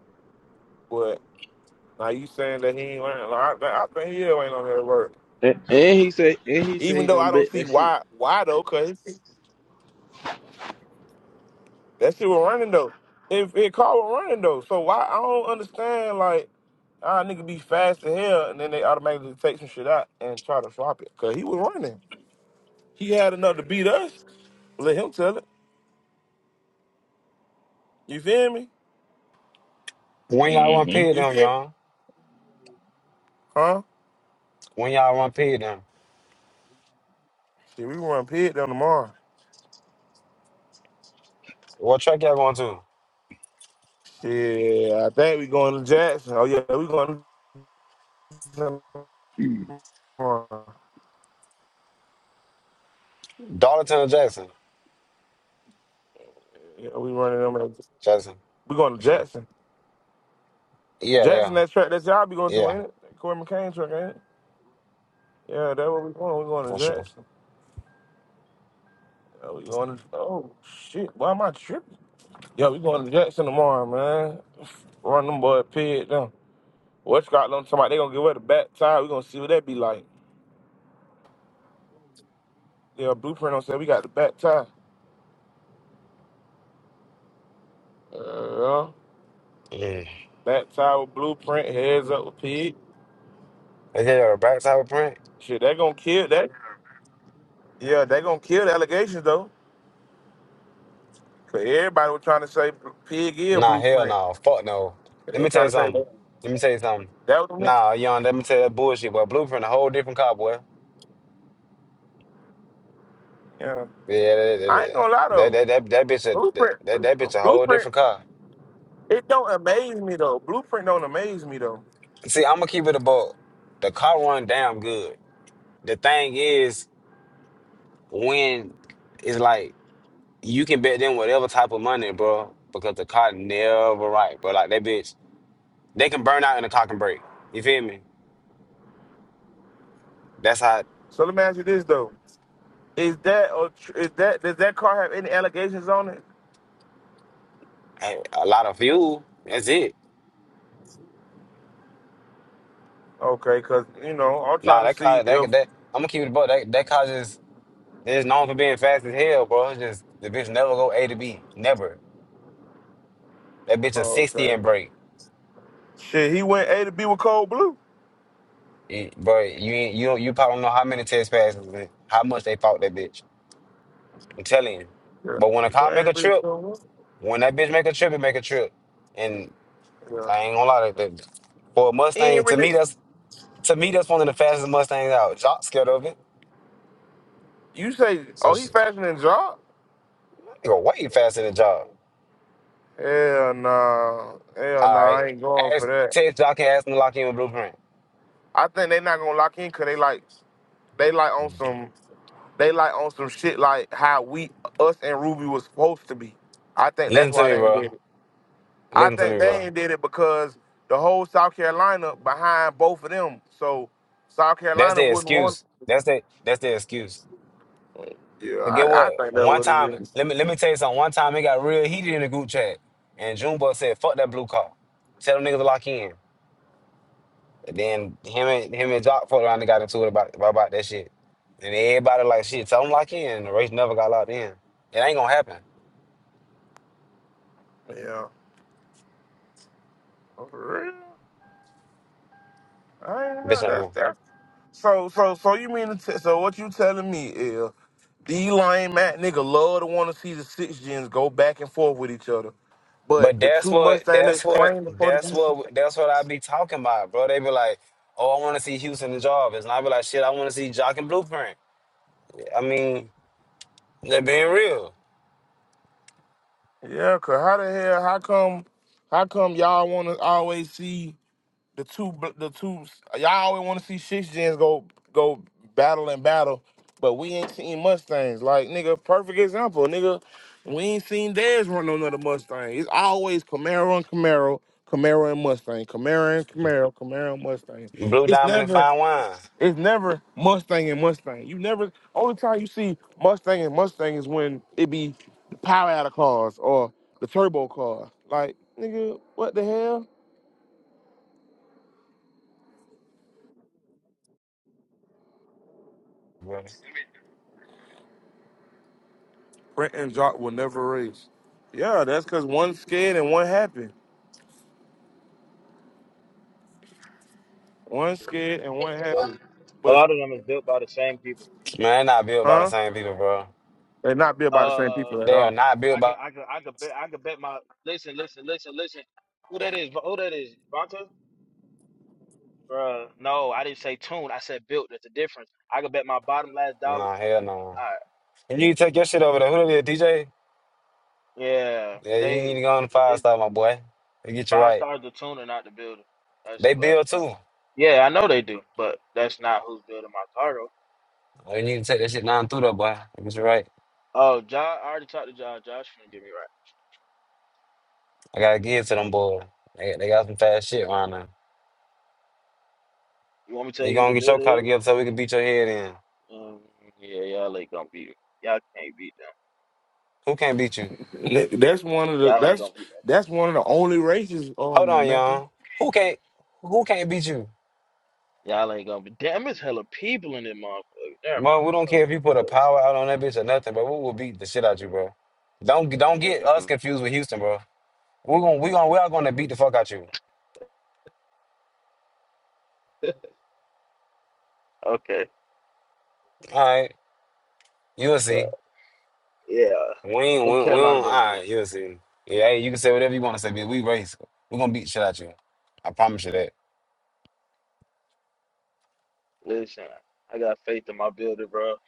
[SPEAKER 1] But now you saying that he ain't learning. Like, I, think- I think he is ain't on that work.
[SPEAKER 9] And, and he said, and he said
[SPEAKER 1] Even
[SPEAKER 9] he
[SPEAKER 1] though
[SPEAKER 9] gonna
[SPEAKER 1] I don't
[SPEAKER 9] bet
[SPEAKER 1] see
[SPEAKER 9] that shit.
[SPEAKER 1] why, why though, because that shit was running, though. If it caught was running, though. So why, I don't understand, like, Ah, nigga be fast to hell, and then they automatically take some shit out and try to swap it. Cause he was running. He had enough to beat us. Let him tell it. You feel me?
[SPEAKER 3] When y'all want
[SPEAKER 8] Mm-hmm.
[SPEAKER 3] paid
[SPEAKER 1] You
[SPEAKER 3] them,
[SPEAKER 1] feel me?
[SPEAKER 3] y'all?
[SPEAKER 1] Huh?
[SPEAKER 3] When y'all want paid them?
[SPEAKER 1] Shit, we run pit down tomorrow.
[SPEAKER 3] What track y'all going to?
[SPEAKER 1] Shit, I think we going to Jackson. Oh yeah, we going to tomorrow.
[SPEAKER 3] Darlington or Jackson?
[SPEAKER 1] Yeah, we running them. at-
[SPEAKER 3] Jackson.
[SPEAKER 1] We going to
[SPEAKER 3] for sure.
[SPEAKER 1] Jackson.
[SPEAKER 3] Yeah, yeah,
[SPEAKER 1] Jackson, that track that y'all be going to,
[SPEAKER 3] yeah,
[SPEAKER 1] ain't it? That Corey McCain track, ain't it? Yeah, that's what we going. We going
[SPEAKER 3] for
[SPEAKER 1] to
[SPEAKER 3] sure.
[SPEAKER 1] Jackson. Yeah, we going to. Oh shit, why am I tripping? Yeah, we going to Jackson tomorrow, man. Run them boy pit down. What's got on somebody? They gonna give her the back tie. We gonna see what that be like. Yeah, blueprint on said we got the back tie. Uh,
[SPEAKER 3] Mm.
[SPEAKER 1] back tie with blueprint, heads up with pig.
[SPEAKER 3] They gave you a backside print.
[SPEAKER 1] Shit, they gonna kill that. Yeah, they gonna kill the allegations though. Cause everybody was trying to say pig is
[SPEAKER 3] Nah, hell
[SPEAKER 1] blueprint.
[SPEAKER 3] no. Fuck no.
[SPEAKER 1] They
[SPEAKER 3] Let
[SPEAKER 1] were
[SPEAKER 3] me tell
[SPEAKER 1] trying
[SPEAKER 3] you
[SPEAKER 1] to say
[SPEAKER 3] something. Let me tell you something.
[SPEAKER 1] that was me.
[SPEAKER 3] Nah, young, let me tell you that bullshit, boy. Blueprint a whole different car, boy.
[SPEAKER 1] Yeah,
[SPEAKER 3] Yeah,
[SPEAKER 1] I ain't
[SPEAKER 3] that
[SPEAKER 1] gonna lie
[SPEAKER 3] that that
[SPEAKER 1] though.
[SPEAKER 3] that, that, bitch a
[SPEAKER 1] Blueprint,
[SPEAKER 3] that, that bitch a whole
[SPEAKER 1] blueprint.
[SPEAKER 3] different car.
[SPEAKER 1] It don't amaze me though. Blueprint don't amaze me though.
[SPEAKER 3] See, I'ma keep it a buck. The car run damn good. The thing is, when it's like you can bet them whatever type of money, bro, because the car never right, bro. Like that bitch, they can burn out and the car can break. You feel me? That's how
[SPEAKER 1] So let me ask you this though: Is that or tr- is that does that car have any allegations on it?
[SPEAKER 3] hey, a lot of fuel. That's it
[SPEAKER 1] Okay, cause you know I'm trying
[SPEAKER 3] Nah,
[SPEAKER 1] to
[SPEAKER 3] that
[SPEAKER 1] see
[SPEAKER 3] car,
[SPEAKER 1] if.
[SPEAKER 3] that that I'm gonna keep it, bro. That that car just is known for being fast as hell, bro. It's just the bitch never go A to B, never. That bitch a
[SPEAKER 1] Oh,
[SPEAKER 3] sixty
[SPEAKER 1] okay.
[SPEAKER 3] and break,
[SPEAKER 1] Shit, he went A to B with Cold Blue.
[SPEAKER 3] it, bro. You ain't you don't you probably don't know how many test passes and how much they fought that bitch. I'm telling you.
[SPEAKER 1] Yeah,
[SPEAKER 3] But when a
[SPEAKER 1] he
[SPEAKER 3] car
[SPEAKER 1] went A
[SPEAKER 3] make
[SPEAKER 1] to
[SPEAKER 3] a
[SPEAKER 1] B with
[SPEAKER 3] trip,
[SPEAKER 1] Cold
[SPEAKER 3] when that bitch make a trip, it make a trip. And
[SPEAKER 1] Blue. Yeah.
[SPEAKER 3] I ain't gonna lie, that that- for a
[SPEAKER 1] He
[SPEAKER 3] Mustang,
[SPEAKER 1] ain't
[SPEAKER 3] to
[SPEAKER 1] really.
[SPEAKER 3] me that's to me that's one of the fastest Mustangs out. Jock scared of it,
[SPEAKER 1] You say,
[SPEAKER 3] so
[SPEAKER 1] oh, he
[SPEAKER 3] she,
[SPEAKER 1] faster than Jock?
[SPEAKER 3] they go way faster than Jock.
[SPEAKER 1] Hell nah, hell
[SPEAKER 3] All
[SPEAKER 1] nah,
[SPEAKER 3] right,
[SPEAKER 1] I ain't going for
[SPEAKER 3] ask
[SPEAKER 1] that.
[SPEAKER 3] Test Jock and ask him to lock in with Blueprint.
[SPEAKER 1] I think they not gonna lock in cause they like, they like on some, they like on some shit like how we, us and Ruby was supposed to be. I think that's
[SPEAKER 3] Listen to
[SPEAKER 1] why
[SPEAKER 3] me,
[SPEAKER 1] they ain't did
[SPEAKER 3] bro.
[SPEAKER 1] it. I
[SPEAKER 3] Listen to
[SPEAKER 1] think
[SPEAKER 3] me,
[SPEAKER 1] they
[SPEAKER 3] bro.
[SPEAKER 1] ain't did it because the whole South Carolina behind both of them. So South
[SPEAKER 3] That's
[SPEAKER 1] Carolina
[SPEAKER 3] the
[SPEAKER 1] wouldn't want.
[SPEAKER 3] excuse. That's the that's the excuse.
[SPEAKER 1] Yeah,
[SPEAKER 3] But get
[SPEAKER 1] I,
[SPEAKER 3] what?
[SPEAKER 1] I think that
[SPEAKER 3] One
[SPEAKER 1] what it
[SPEAKER 3] time,
[SPEAKER 1] is.
[SPEAKER 3] let me let me tell you something. One time it got real heated in the group chat, and Junebug said, "Fuck that blue car. Tell them niggas to lock in." And then him and him and Jock fucked around and got into it about about that shit. And everybody like, "Shit, tell them lock in." the race never got locked in. It ain't gonna happen.
[SPEAKER 1] Yeah, Oh, for real. I ain't know
[SPEAKER 3] Bitch ain't
[SPEAKER 1] that's
[SPEAKER 3] gonna.
[SPEAKER 1] that's. So so so you mean to t- so what you telling me is these lame ass nigga love to want to see the six gens go back and forth with each other, but
[SPEAKER 3] But
[SPEAKER 1] the
[SPEAKER 3] that's
[SPEAKER 1] two
[SPEAKER 3] what
[SPEAKER 1] Mustang
[SPEAKER 3] that's
[SPEAKER 1] that's
[SPEAKER 3] what
[SPEAKER 1] claimed for the
[SPEAKER 3] that's
[SPEAKER 1] D C.
[SPEAKER 3] what that's what I be talking about, bro. They be like, "Oh, I want to see Houston and Jarvis," and I be like, "Shit, I want to see Jock and Blueprint." I mean, they're being real.
[SPEAKER 1] Yeah, cause how the hell? How come? How come y'all want to always see? the two bl- the two y'all always want to see six gens go go battle and battle, but we ain't seen Mustangs. Like nigga, perfect example, nigga. We ain't seen theirs run on another Mustang. It's always Camaro and Camaro, Camaro and Mustang, Camaro and Camaro, Camaro and Mustang.
[SPEAKER 3] Blue
[SPEAKER 1] It's
[SPEAKER 3] Diamond and
[SPEAKER 1] never
[SPEAKER 3] Fine Wine,
[SPEAKER 1] it's never Mustang and Mustang. You never only time you see Mustang and Mustang is when it be the power out of cars or the turbo car. Like nigga, what the hell?
[SPEAKER 3] bro. man,
[SPEAKER 1] Brent and Jock will never race. Yeah, that's because one scared and one happy. One scared and one happy.
[SPEAKER 11] A
[SPEAKER 1] But
[SPEAKER 11] lot of them is built by the same people.
[SPEAKER 3] they're not built by the
[SPEAKER 1] huh?
[SPEAKER 3] same people, bro.
[SPEAKER 1] They not be about the
[SPEAKER 11] Uh,
[SPEAKER 1] same people at
[SPEAKER 3] They are
[SPEAKER 1] all.
[SPEAKER 3] not built
[SPEAKER 11] I could,
[SPEAKER 3] by.
[SPEAKER 11] I could, I could bet, I could bet my. Listen, listen, listen, listen. Who that is? Who that is? Vonta? Bruh, no, I didn't say tuned. I said built. That's a difference. I could bet my bottom last dollar.
[SPEAKER 3] No hell no.
[SPEAKER 11] I,
[SPEAKER 3] And you need to take your shit over there. Who the DJ?
[SPEAKER 11] yeah,
[SPEAKER 3] Yeah, you need
[SPEAKER 11] they,
[SPEAKER 3] to go on the five
[SPEAKER 11] they
[SPEAKER 3] star, my boy. They get you
[SPEAKER 11] five
[SPEAKER 3] right.
[SPEAKER 11] stars the tuner, not the builder. That's,
[SPEAKER 3] They
[SPEAKER 11] that's
[SPEAKER 3] build too.
[SPEAKER 11] yeah, I know they do, but that's not who's building my car though.
[SPEAKER 3] Oh, You need to take that shit down through there, boy. They get you right.
[SPEAKER 11] Oh, Josh, I already talked to Josh. Josh finna get me right.
[SPEAKER 3] I gotta give it to them boys. They, they got some fast shit right now.
[SPEAKER 11] You want me to tell
[SPEAKER 3] You
[SPEAKER 11] you who the
[SPEAKER 3] gonna get your
[SPEAKER 11] builder
[SPEAKER 3] car
[SPEAKER 11] is?
[SPEAKER 3] together so we can beat your head in.
[SPEAKER 11] Um, yeah, y'all ain't gonna beat it. Y'all can't beat that.
[SPEAKER 3] Who can't beat you?
[SPEAKER 1] Th- That's one of the
[SPEAKER 11] Y'all ain't
[SPEAKER 1] that's
[SPEAKER 11] gonna be.
[SPEAKER 1] that's one of the only races,
[SPEAKER 3] Hold
[SPEAKER 1] um,
[SPEAKER 3] on,
[SPEAKER 1] Mecca.
[SPEAKER 3] y'all. Who can't who can't beat you?
[SPEAKER 11] Y'all ain't gonna be. Damn, it's hella people in that motherfucker. Never
[SPEAKER 3] bro?
[SPEAKER 11] mind.
[SPEAKER 3] we don't care
[SPEAKER 11] That's-
[SPEAKER 3] if you put a
[SPEAKER 11] that's-
[SPEAKER 3] power out on that bitch or nothing, but we will beat the shit out you, bro. Don't don't get us
[SPEAKER 11] that's-
[SPEAKER 3] confused with Houston, bro. We're gonna we gonna we are gonna beat the fuck out you.
[SPEAKER 11] Okay,
[SPEAKER 3] Alright. You'll see.
[SPEAKER 11] but yeah,
[SPEAKER 3] We ain't we,
[SPEAKER 11] them
[SPEAKER 3] we
[SPEAKER 11] Carolina
[SPEAKER 3] don't
[SPEAKER 11] boy builder.
[SPEAKER 3] alright, you'll see. Yeah, hey, you can say whatever you wanna say, bitch. We race. We're gonna beat the shit out you. I promise you that.
[SPEAKER 11] Listen, I got faith in my builder, bro.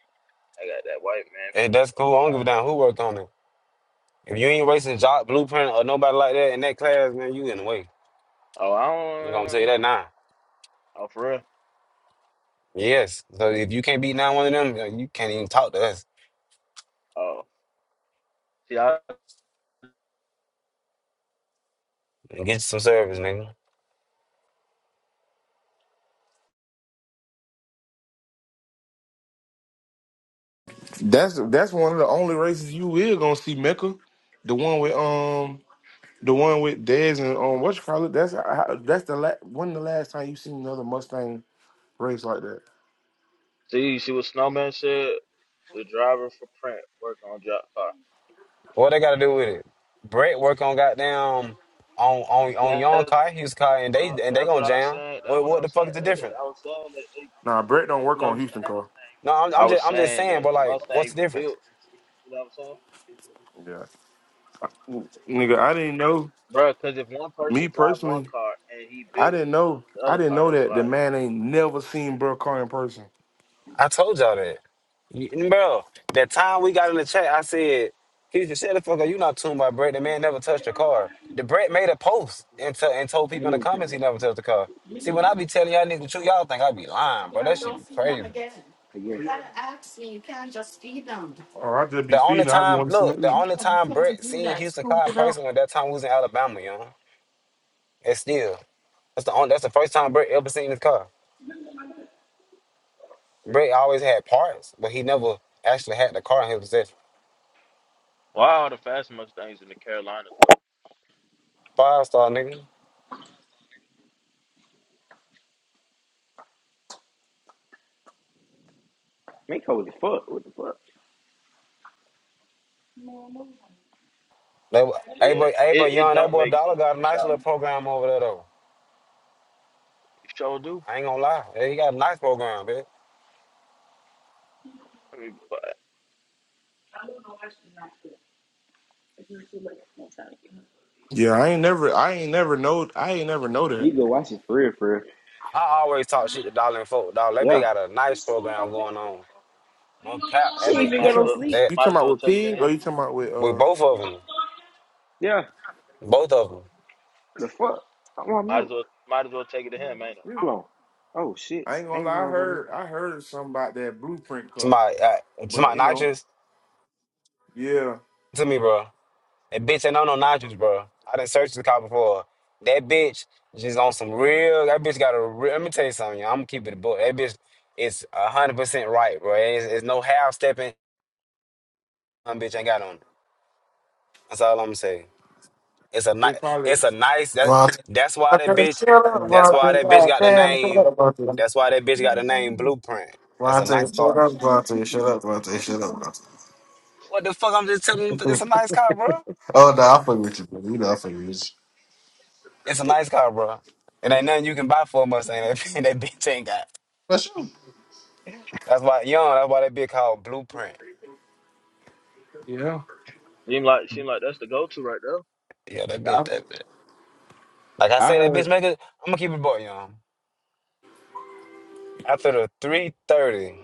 [SPEAKER 11] I got that white man
[SPEAKER 3] Hey,
[SPEAKER 11] finna
[SPEAKER 3] that's
[SPEAKER 11] turn the
[SPEAKER 3] cool. I don't
[SPEAKER 11] tide,
[SPEAKER 3] give a
[SPEAKER 11] bro.
[SPEAKER 3] damn who worked on it. If you ain't racing job blueprint or nobody like that in that class, man, you in the way.
[SPEAKER 11] Oh, I
[SPEAKER 3] I'm gonna tell you
[SPEAKER 11] don't.
[SPEAKER 3] that now.
[SPEAKER 11] Oh, for real.
[SPEAKER 3] Yes. So if you can't beat nine one of them, uh, you can't even talk to us
[SPEAKER 11] Oh, see, I
[SPEAKER 3] and get you some service, nigga.
[SPEAKER 1] That's that's one of the only races you will gonna see Mecca. The one with um the one with Dez and um what you call it? That's uh, how- that's the la- when the last time you seen another Mustang race like that.
[SPEAKER 11] see. She was snowman shit. The driver for print work on job car.
[SPEAKER 3] What they gotta do with it? Brett work on goddamn on on on Young
[SPEAKER 11] That's
[SPEAKER 3] Kai, his
[SPEAKER 11] what
[SPEAKER 3] Kai, and they
[SPEAKER 11] I,
[SPEAKER 3] and they
[SPEAKER 11] that's what
[SPEAKER 3] gonna
[SPEAKER 11] I was
[SPEAKER 3] jam.
[SPEAKER 11] saying. That's
[SPEAKER 3] What
[SPEAKER 11] what I
[SPEAKER 3] what the
[SPEAKER 11] was
[SPEAKER 3] fuck
[SPEAKER 11] saying
[SPEAKER 3] is the
[SPEAKER 11] earlier.
[SPEAKER 3] difference?
[SPEAKER 11] I was saying that. They,
[SPEAKER 1] Nah, Brett don't
[SPEAKER 11] you
[SPEAKER 1] work
[SPEAKER 11] know what
[SPEAKER 1] on
[SPEAKER 11] I'm
[SPEAKER 1] Houston
[SPEAKER 11] saying?
[SPEAKER 1] car.
[SPEAKER 3] No, I'm,
[SPEAKER 11] I
[SPEAKER 3] I'm
[SPEAKER 11] was
[SPEAKER 3] just I'm just
[SPEAKER 11] saying
[SPEAKER 3] saying,
[SPEAKER 11] that
[SPEAKER 3] but
[SPEAKER 11] the
[SPEAKER 3] like, what's the
[SPEAKER 11] Mustangs
[SPEAKER 3] difference?
[SPEAKER 11] built, you know what I'm saying?
[SPEAKER 1] Yeah. Nigga, I didn't know.
[SPEAKER 11] Bro, because if one
[SPEAKER 1] Me
[SPEAKER 11] person drive one
[SPEAKER 1] personally,
[SPEAKER 11] car and he
[SPEAKER 1] I
[SPEAKER 11] built
[SPEAKER 1] didn't know.
[SPEAKER 11] the
[SPEAKER 1] I
[SPEAKER 11] other
[SPEAKER 1] didn't
[SPEAKER 11] car,
[SPEAKER 1] know
[SPEAKER 11] that's
[SPEAKER 1] that the
[SPEAKER 11] like,
[SPEAKER 1] man ain't never seen Bro Carr in person.
[SPEAKER 3] I told y'all that. Y- Bro, that time we got in the chat, I said, he said, shut the fuck up, you not tuned by Brett. The man never touched the car. The Brett made a post and, to- and told people in the comments he
[SPEAKER 2] I
[SPEAKER 3] never touched the car. See, when I be telling y'all niggas the truth, y'all think I be lying, bro. That shit be crazy.
[SPEAKER 2] guess
[SPEAKER 1] Or I just be
[SPEAKER 3] The only
[SPEAKER 1] feeding. I just
[SPEAKER 3] time,
[SPEAKER 1] want to see
[SPEAKER 3] look,
[SPEAKER 1] him
[SPEAKER 3] the
[SPEAKER 1] eat.
[SPEAKER 3] only time Brett seen Houston car in person was that time we was in Alabama, you know? And still, that's the only, that's the first time Brett ever seen his car. Brett always had parts, but he never actually had the car in his possession.
[SPEAKER 11] why are the fast Mustangs in the Carolinas, bro?
[SPEAKER 3] Five star nigga. That, wa- hey,
[SPEAKER 11] Yeah,
[SPEAKER 3] but hey,
[SPEAKER 11] it,
[SPEAKER 3] but
[SPEAKER 11] it
[SPEAKER 3] young, that
[SPEAKER 11] don't
[SPEAKER 3] boy
[SPEAKER 11] make
[SPEAKER 3] Dollar
[SPEAKER 11] sense to
[SPEAKER 3] got a
[SPEAKER 11] drive.
[SPEAKER 3] nice little program over there though.
[SPEAKER 11] It sure do.
[SPEAKER 3] I ain't gonna lie, Hey, he got a nice program, bitch.
[SPEAKER 11] I mean, but
[SPEAKER 1] Yeah, I ain't never. I ain't never know. I ain't never know that.
[SPEAKER 2] for real, for real.
[SPEAKER 3] I always talk shit to Dollar and folk. Dollar, that bitch got a nice program going on. No cap, that bitch,
[SPEAKER 1] You
[SPEAKER 11] might
[SPEAKER 3] that
[SPEAKER 11] as
[SPEAKER 1] talk,
[SPEAKER 11] well,
[SPEAKER 3] that
[SPEAKER 1] You
[SPEAKER 11] might as
[SPEAKER 1] talking about
[SPEAKER 11] well
[SPEAKER 1] with
[SPEAKER 11] take it to
[SPEAKER 1] pig
[SPEAKER 11] him.
[SPEAKER 1] or you talking about with?
[SPEAKER 3] with
[SPEAKER 1] uh
[SPEAKER 3] both of them,
[SPEAKER 2] Yeah.
[SPEAKER 3] both of them.
[SPEAKER 2] The fuck? I'm on
[SPEAKER 11] Might as
[SPEAKER 2] mute.
[SPEAKER 11] well, might as well take it to him, ain't
[SPEAKER 2] Hold on. Oh shit.
[SPEAKER 1] I ain't gonna
[SPEAKER 2] Ain't
[SPEAKER 1] lie. I
[SPEAKER 2] no other me.
[SPEAKER 1] heard. I heard something about that blueprint
[SPEAKER 3] To
[SPEAKER 1] car.
[SPEAKER 3] my uh, to
[SPEAKER 1] But
[SPEAKER 3] my
[SPEAKER 1] you know,
[SPEAKER 3] nitrous,
[SPEAKER 1] yeah,
[SPEAKER 3] to me, bro. That bitch ain't on no nitrous, bro. I done searched the car before. That bitch just on some real. That bitch got a. Real, let me tell you something, y'all. I'm gonna keep it a book. That bitch is a hundred percent right, bro. It's, it's no half stepping. That bitch ain't got on. it. That's all I'm saying. It's a nice.
[SPEAKER 1] it probably.
[SPEAKER 3] It's a nice. That
[SPEAKER 12] Vontae,
[SPEAKER 3] that's why that
[SPEAKER 12] Vontae,
[SPEAKER 3] bitch.
[SPEAKER 12] shut up,
[SPEAKER 1] Uh,
[SPEAKER 3] That's why that bitch got the name.
[SPEAKER 12] Vontae.
[SPEAKER 3] That's why that bitch got the name Blueprint. That's a
[SPEAKER 12] God damn,
[SPEAKER 3] nice car.
[SPEAKER 12] shut up, Vontae. Vontae, shut up, Vontae. Shut up, Vontae. Shut up, Vontae.
[SPEAKER 3] What the fuck? I'm just telling you. It's a nice car, bro.
[SPEAKER 12] oh, no, I fuck with you, bro. You know I fuck with you.
[SPEAKER 3] It's a
[SPEAKER 11] it?
[SPEAKER 3] nice car, bro. It
[SPEAKER 12] Oh,
[SPEAKER 3] ain't nothing you can buy for a Mustang. That, bitch- that bitch ain't got.
[SPEAKER 12] for sure.
[SPEAKER 3] That's why young. That's why that bitch called Blueprint.
[SPEAKER 1] yeah,
[SPEAKER 11] Seem like, seem like that's the go-to right there.
[SPEAKER 3] Yeah, that bitch.
[SPEAKER 1] I
[SPEAKER 3] That bitch. Like I
[SPEAKER 1] I
[SPEAKER 3] say, that
[SPEAKER 1] heard
[SPEAKER 3] bitch make it. I'm gonna keep it boy young. After the three thirty.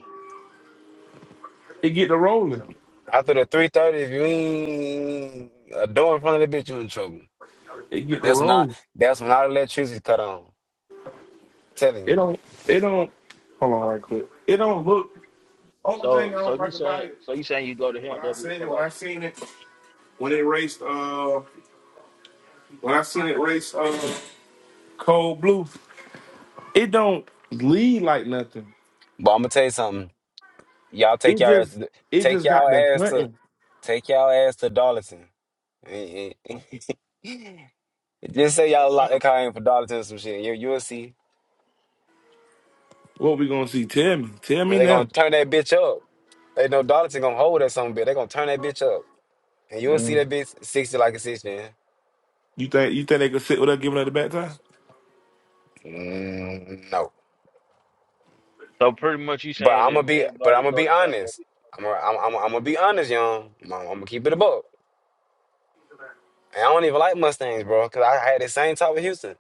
[SPEAKER 1] it get the rolling.
[SPEAKER 3] After the three thirty, if you ain't a door in front of the bitch, you in trouble.
[SPEAKER 1] It get the
[SPEAKER 3] That's when I
[SPEAKER 1] rolling.
[SPEAKER 3] that's when our electricity cut on. Telling you.
[SPEAKER 1] It don't. It don't. Hold on, right quick. It don't look. Only thing
[SPEAKER 11] So,
[SPEAKER 1] I
[SPEAKER 11] so
[SPEAKER 1] don't
[SPEAKER 11] you
[SPEAKER 1] like about
[SPEAKER 11] saying,
[SPEAKER 1] it.
[SPEAKER 11] so you saying you go to
[SPEAKER 1] When
[SPEAKER 11] him,
[SPEAKER 1] I
[SPEAKER 11] they'll be the
[SPEAKER 1] seen it,
[SPEAKER 11] fuck
[SPEAKER 1] when
[SPEAKER 11] out
[SPEAKER 1] I
[SPEAKER 11] you.
[SPEAKER 1] seen it, when it raced, uh, when I seen it race, uh, cold blue, it don't lead like nothing.
[SPEAKER 3] But I'm gonna tell you something. Y'all take
[SPEAKER 1] It
[SPEAKER 3] y'all ass
[SPEAKER 1] just, it
[SPEAKER 3] take
[SPEAKER 1] just
[SPEAKER 3] y'all
[SPEAKER 1] got the
[SPEAKER 3] ass to
[SPEAKER 1] hunting.
[SPEAKER 3] take y'all ass to Darlington. Eh, eh, eh. Just say
[SPEAKER 11] Oh,
[SPEAKER 3] y'all lock
[SPEAKER 11] damn.
[SPEAKER 3] that car in for Darlington or some shit. You you'll see.
[SPEAKER 1] What we gonna see? Tell me, tell me
[SPEAKER 3] Man, they gonna
[SPEAKER 1] now.
[SPEAKER 3] turn that bitch up. They know Darlington gonna hold that something bit. They gonna turn that bitch up. And you'll see
[SPEAKER 1] Um,
[SPEAKER 3] that bitch sixty like a sixty. man.
[SPEAKER 1] you think, you think they could sit with her giving her the back time?
[SPEAKER 3] Mm, no.
[SPEAKER 11] So pretty much you
[SPEAKER 3] But
[SPEAKER 11] saying
[SPEAKER 3] I'm gonna
[SPEAKER 11] if
[SPEAKER 3] be but I'm
[SPEAKER 11] anybody
[SPEAKER 3] gonna
[SPEAKER 11] go
[SPEAKER 3] be
[SPEAKER 11] to them, they'll
[SPEAKER 3] honest.
[SPEAKER 11] be.
[SPEAKER 3] I'm gonna I'm, I'm, I'm gonna be honest, young. I'm, I'm gonna keep it above. And I don't even like Mustangs, bro, because I had the same talk with Houston.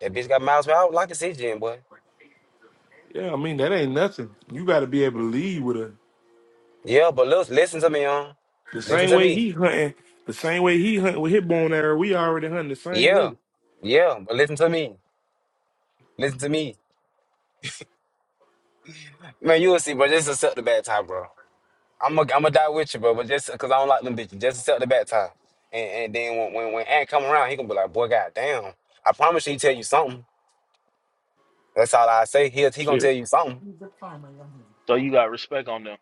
[SPEAKER 3] That bitch got miles, man. I would like to see Jim, boy.
[SPEAKER 1] Yeah, I mean that ain't nothing. You got to be able
[SPEAKER 3] Mm.
[SPEAKER 1] to lead with her
[SPEAKER 3] Yeah, but look, listen to me, on.
[SPEAKER 1] the
[SPEAKER 3] Listen
[SPEAKER 1] same
[SPEAKER 3] to
[SPEAKER 1] way
[SPEAKER 3] me.
[SPEAKER 1] he hunting, the same way he hunting with his bone arrow. We already hunting the same
[SPEAKER 3] Yeah.
[SPEAKER 1] way.
[SPEAKER 3] Yeah, but listen to me. Listen to me. Man, you will see, bro. Just accept the bad time, bro. I'm going to die with you, bro, but just because I don't like them bitches. Just accept the bad time. And, and then when, when, when Ant come around, he going to be like, boy, goddamn. I promise you he tell you something. That's all I say. He, he going to
[SPEAKER 1] Shit,
[SPEAKER 3] tell you something.
[SPEAKER 11] So you got respect on them.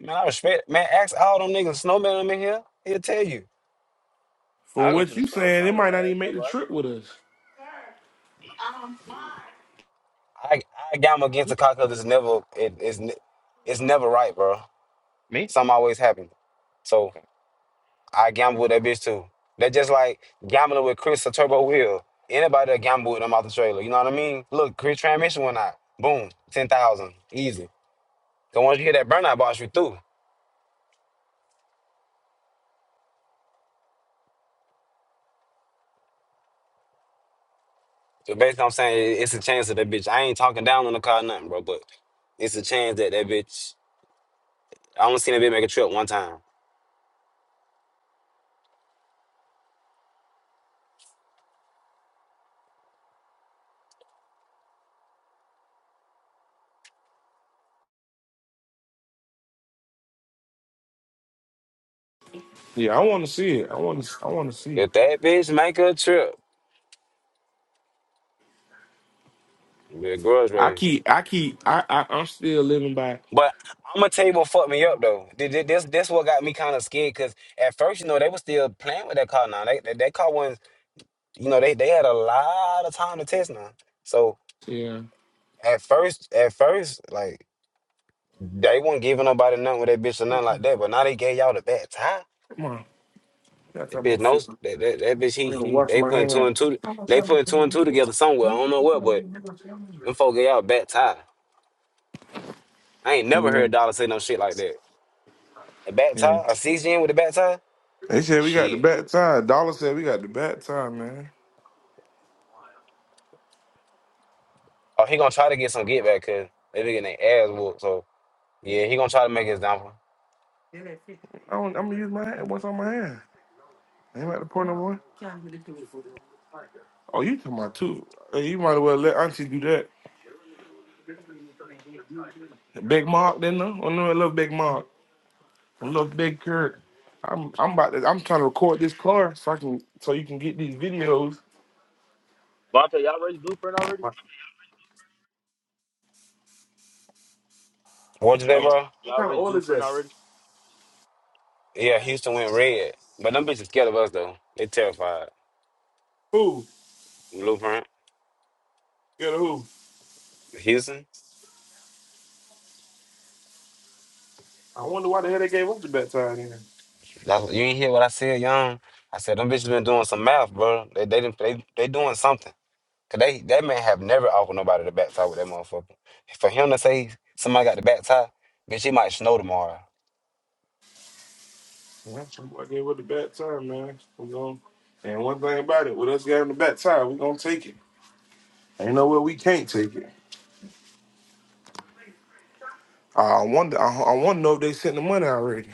[SPEAKER 3] Man, I respect. Man, ask all them niggas, snowman them in here. He'll tell you.
[SPEAKER 1] from
[SPEAKER 11] I go
[SPEAKER 1] what
[SPEAKER 11] to the
[SPEAKER 1] you
[SPEAKER 11] source.
[SPEAKER 1] saying, it
[SPEAKER 11] I ain't
[SPEAKER 1] might
[SPEAKER 11] gotta
[SPEAKER 1] not even
[SPEAKER 11] ask
[SPEAKER 1] make the
[SPEAKER 11] nobody.
[SPEAKER 1] trip with us.
[SPEAKER 3] I I got him against
[SPEAKER 11] Hmm?
[SPEAKER 3] the cock because it's never it, it's ne- it's never right, bro.
[SPEAKER 11] Me?
[SPEAKER 3] Something always happen. So I gamble with that bitch too. That just like gambling with Chris or Turbo Will. Anybody that gamble with them out the trailer, you know what I mean? Look, Chris transmission went out. Boom, ten thousand, easy. So once you hit that burnout box, you through. So basically, I'm saying it- it's a chance that that bitch. I ain't talking down on the car, or nothing, bro. But it's a chance that that bitch. I only seen that bitch make a trip one time.
[SPEAKER 1] Yeah, I want to see it. I want to. I want to see.
[SPEAKER 3] If that bitch make a trip, it'll be a girls
[SPEAKER 1] I
[SPEAKER 3] race.
[SPEAKER 1] keep, I keep, I, I, I'm still living by.
[SPEAKER 3] But I'm gonna tell you what fucked me up though. Th- th- This this what got me kind of scared because at first you know they were still playing with that car. Now they that that car was you know they they had a lot of time to test now. So
[SPEAKER 1] Yeah.
[SPEAKER 3] at first at first like they weren't giving nobody nothing with that bitch or nothing like that. But now they gave y'all the bad time.
[SPEAKER 1] Come on, got
[SPEAKER 3] That bitch
[SPEAKER 1] that food.
[SPEAKER 3] knows that that, that bitch he,
[SPEAKER 1] I gotta
[SPEAKER 3] he
[SPEAKER 1] wash
[SPEAKER 3] they
[SPEAKER 1] my
[SPEAKER 3] putting two
[SPEAKER 1] hands.
[SPEAKER 3] and two they putting two and two together somewhere. I don't know what, but them folk gave y'all a bad time. I ain't never
[SPEAKER 1] Yeah,
[SPEAKER 3] heard Dollar say no shit like that. A bad
[SPEAKER 1] yeah.
[SPEAKER 3] tie, a CGN with a bad tie.
[SPEAKER 1] They said we got the
[SPEAKER 3] Shit.
[SPEAKER 1] bad time. Dollar said we got the bad time, man.
[SPEAKER 3] Oh, he gonna try to get some get back because they been getting their ass whooped. So yeah, he gonna try to make his downfall.
[SPEAKER 1] I don't, I'm gonna use my hand. What's on my hand? Ain't like the point no more. Oh, you talking about two? Hey, You might as well let Auntie do that. Big Mark, then though. Oh no, I love Big Mark. I love Big Kurt. I'm, I'm about to. I'm trying to record this car so I can, so you can get these videos.
[SPEAKER 11] Vontae, y'all raised Blueprint already?
[SPEAKER 1] What
[SPEAKER 3] What you say,
[SPEAKER 11] Y'all ra-
[SPEAKER 3] bro?
[SPEAKER 11] y'all
[SPEAKER 1] kind of
[SPEAKER 11] raised
[SPEAKER 1] oil is
[SPEAKER 11] Blueprint
[SPEAKER 1] that?
[SPEAKER 11] already?
[SPEAKER 3] Yeah, Houston went red, but them bitches scared of us though. They terrified.
[SPEAKER 1] Who?
[SPEAKER 3] Blueprint,
[SPEAKER 1] Get a who?
[SPEAKER 3] Houston.
[SPEAKER 1] I wonder why the hell they gave up the bad time then.
[SPEAKER 3] That's what, you ain't hear what I said, young. I said them bitches been doing some math, bro. They they didn't- they, they doing something. Cause they that man have never offered nobody the back tie with that motherfucker. For him to say somebody got the back tie, bitch, he might snow tomorrow.
[SPEAKER 1] Yeah, Somebody gave up the bad time, man. We going to and one thing about it, with us getting the bad time, we gonna take it. Ain't no way we can't take it. I wonder. I, I want to know if they sent the money already,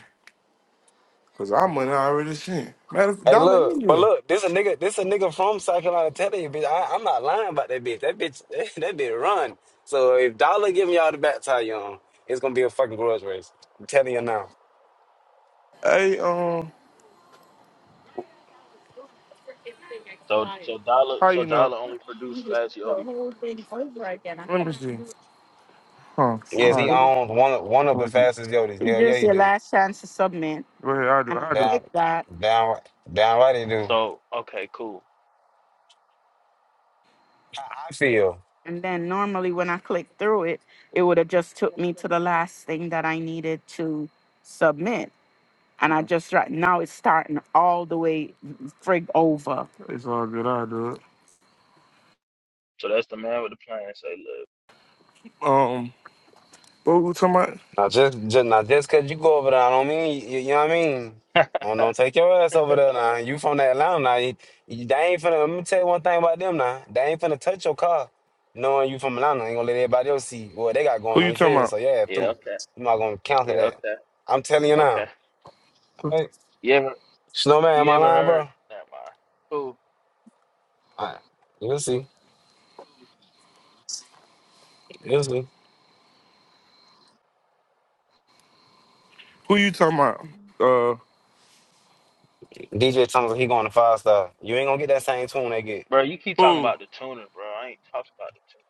[SPEAKER 1] cause our money already sent. Matter of
[SPEAKER 3] Hey,
[SPEAKER 1] dollar
[SPEAKER 3] look,
[SPEAKER 1] in
[SPEAKER 3] but
[SPEAKER 1] here.
[SPEAKER 3] look, this a nigga, this a nigga from South Carolina telling you, bitch. I, I'm not lying about that bitch. That bitch, that bitch run. So if Dollar giving y'all the back tie you on, it's gonna be a fucking grudge race. I'm telling you now.
[SPEAKER 1] Hey, um,
[SPEAKER 11] So so Dollar
[SPEAKER 1] how
[SPEAKER 11] so
[SPEAKER 1] you know?
[SPEAKER 11] Dollar
[SPEAKER 1] Let
[SPEAKER 11] only produced
[SPEAKER 1] me
[SPEAKER 11] Fast Yodi.
[SPEAKER 1] see. Huh?
[SPEAKER 3] Yes, he
[SPEAKER 1] All
[SPEAKER 3] owns one of one of the
[SPEAKER 1] right.
[SPEAKER 3] fastest yodis. Hell yeah, he do.
[SPEAKER 1] Go ahead. I do. I do.
[SPEAKER 3] Down, down, down right, he do.
[SPEAKER 11] So okay, cool.
[SPEAKER 3] I, I feel.
[SPEAKER 1] It's all good. I do it.
[SPEAKER 11] So that's the man with the plan. Say,
[SPEAKER 1] Um, what we talking about?
[SPEAKER 3] Now just, just now just cause you go over there, I don't mean you, you know what I mean. Don't, don't
[SPEAKER 11] look.
[SPEAKER 3] take your ass over there now. You from that Atlanta now. You, you- they ain't finna. Let me tell you one thing about them now. They ain't finna touch your car, knowing you from Atlanta. Ain't gonna let everybody else see what they got
[SPEAKER 1] Who
[SPEAKER 3] going on.
[SPEAKER 1] you
[SPEAKER 3] You
[SPEAKER 1] talking
[SPEAKER 3] feel me?
[SPEAKER 1] about?
[SPEAKER 3] So yeah,
[SPEAKER 11] yeah.
[SPEAKER 3] through.
[SPEAKER 11] Okay.
[SPEAKER 3] You not gonna counter
[SPEAKER 11] Yeah.
[SPEAKER 3] that.
[SPEAKER 11] Okay.
[SPEAKER 3] I'm telling you
[SPEAKER 11] Okay.
[SPEAKER 3] now. Hey,
[SPEAKER 11] You ever
[SPEAKER 3] Snowman, am
[SPEAKER 11] you
[SPEAKER 3] I
[SPEAKER 11] ever
[SPEAKER 3] lying,
[SPEAKER 11] heard?
[SPEAKER 3] bro?
[SPEAKER 11] Never mind. Cool,
[SPEAKER 3] Alright, You'll see. You'll see.
[SPEAKER 1] Who you talking about? Uh,
[SPEAKER 3] DJ Thomas, he going to five star. You ain't gonna get that same tune they get.
[SPEAKER 11] bro. You keep talking
[SPEAKER 1] who?
[SPEAKER 11] about the tuner, bro. I ain't talking about the tuner.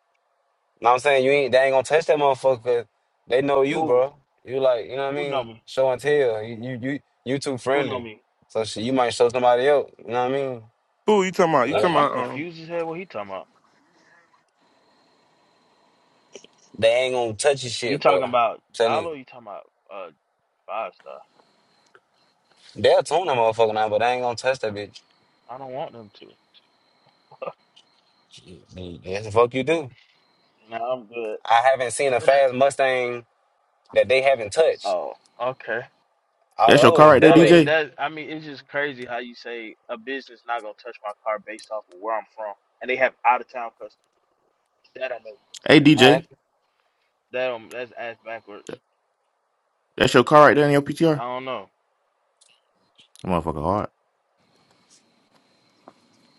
[SPEAKER 3] Know what I'm saying? You ain't they ain't gonna touch that motherfucker 'cause they know you,
[SPEAKER 11] Who
[SPEAKER 3] bro. You like, you know what I
[SPEAKER 11] who know
[SPEAKER 3] mean?
[SPEAKER 11] me?
[SPEAKER 3] Show and tell. You you you, you too
[SPEAKER 11] Who know
[SPEAKER 3] friendly.
[SPEAKER 11] me?
[SPEAKER 3] So shit, you might show somebody else, you know what I mean?
[SPEAKER 1] Who you talking about? You
[SPEAKER 11] That's,
[SPEAKER 1] talking
[SPEAKER 3] Yeah.
[SPEAKER 11] I'm
[SPEAKER 1] about? Um,
[SPEAKER 11] confused as hell. What he talking about?
[SPEAKER 3] They ain't gonna touch your
[SPEAKER 11] You
[SPEAKER 3] shit,
[SPEAKER 11] talking
[SPEAKER 3] bro. I'm
[SPEAKER 11] about
[SPEAKER 3] telling
[SPEAKER 11] Dollar?
[SPEAKER 3] you.
[SPEAKER 11] Or you talking about? uh? Five star.
[SPEAKER 3] They'll tune that motherfucker now, but they ain't gonna touch that bitch.
[SPEAKER 11] I don't want them to.
[SPEAKER 3] Yes, the fuck you do.
[SPEAKER 11] No, I'm good.
[SPEAKER 3] I haven't seen a fast Mustang that they haven't touched.
[SPEAKER 11] Oh, okay.
[SPEAKER 3] All the
[SPEAKER 7] That's your
[SPEAKER 3] other
[SPEAKER 7] car
[SPEAKER 3] ones
[SPEAKER 7] right there,
[SPEAKER 11] I
[SPEAKER 3] dud.
[SPEAKER 11] mean
[SPEAKER 7] DJ.
[SPEAKER 11] that. I mean it's just crazy how you say a business not gonna touch my car based off of where I'm from, and they have out of town customers. That don't make
[SPEAKER 7] Hey,
[SPEAKER 3] All
[SPEAKER 7] DJ,
[SPEAKER 3] right.
[SPEAKER 11] that don't that's ass backwards.
[SPEAKER 7] that's your car right there in your PTR.
[SPEAKER 11] I don't know.
[SPEAKER 7] That motherfucker hard.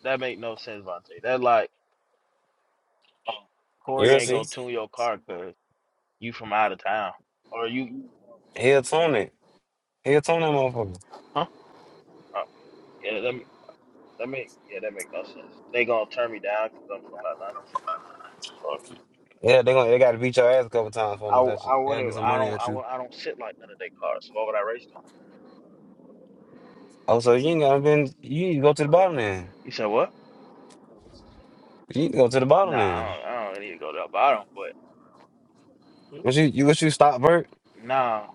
[SPEAKER 11] That make no sense, Vontae. That like oh, Corey
[SPEAKER 3] You'll
[SPEAKER 11] ain't gonna
[SPEAKER 3] see.
[SPEAKER 11] tune your car cause you from out of town or you. you
[SPEAKER 3] He'll tune it. He'll tune that
[SPEAKER 11] from-
[SPEAKER 3] motherfucker.
[SPEAKER 11] Huh? Oh, yeah. That make, that make yeah that make no sense. They gonna turn me down because 'cause I'm from Atlanta.
[SPEAKER 3] Yeah, they gonna they gotta beat your ass a couple times for
[SPEAKER 11] I
[SPEAKER 3] them to touch
[SPEAKER 11] I
[SPEAKER 3] it. They gotta
[SPEAKER 11] wouldn't.
[SPEAKER 3] get some
[SPEAKER 11] I
[SPEAKER 3] money
[SPEAKER 11] don't.
[SPEAKER 3] at
[SPEAKER 11] I,
[SPEAKER 3] you.
[SPEAKER 11] wou- I don't sit like none of their cars. So why would I race
[SPEAKER 3] Oh, so you ain't gotta been you need to go to the bottom
[SPEAKER 11] them?
[SPEAKER 3] then.
[SPEAKER 11] You said what?
[SPEAKER 3] You need to go to the bottom
[SPEAKER 11] Nah, I
[SPEAKER 3] then.
[SPEAKER 11] don't. I don't need to go to the bottom. But
[SPEAKER 3] What you you what you stop Bert?
[SPEAKER 11] nah,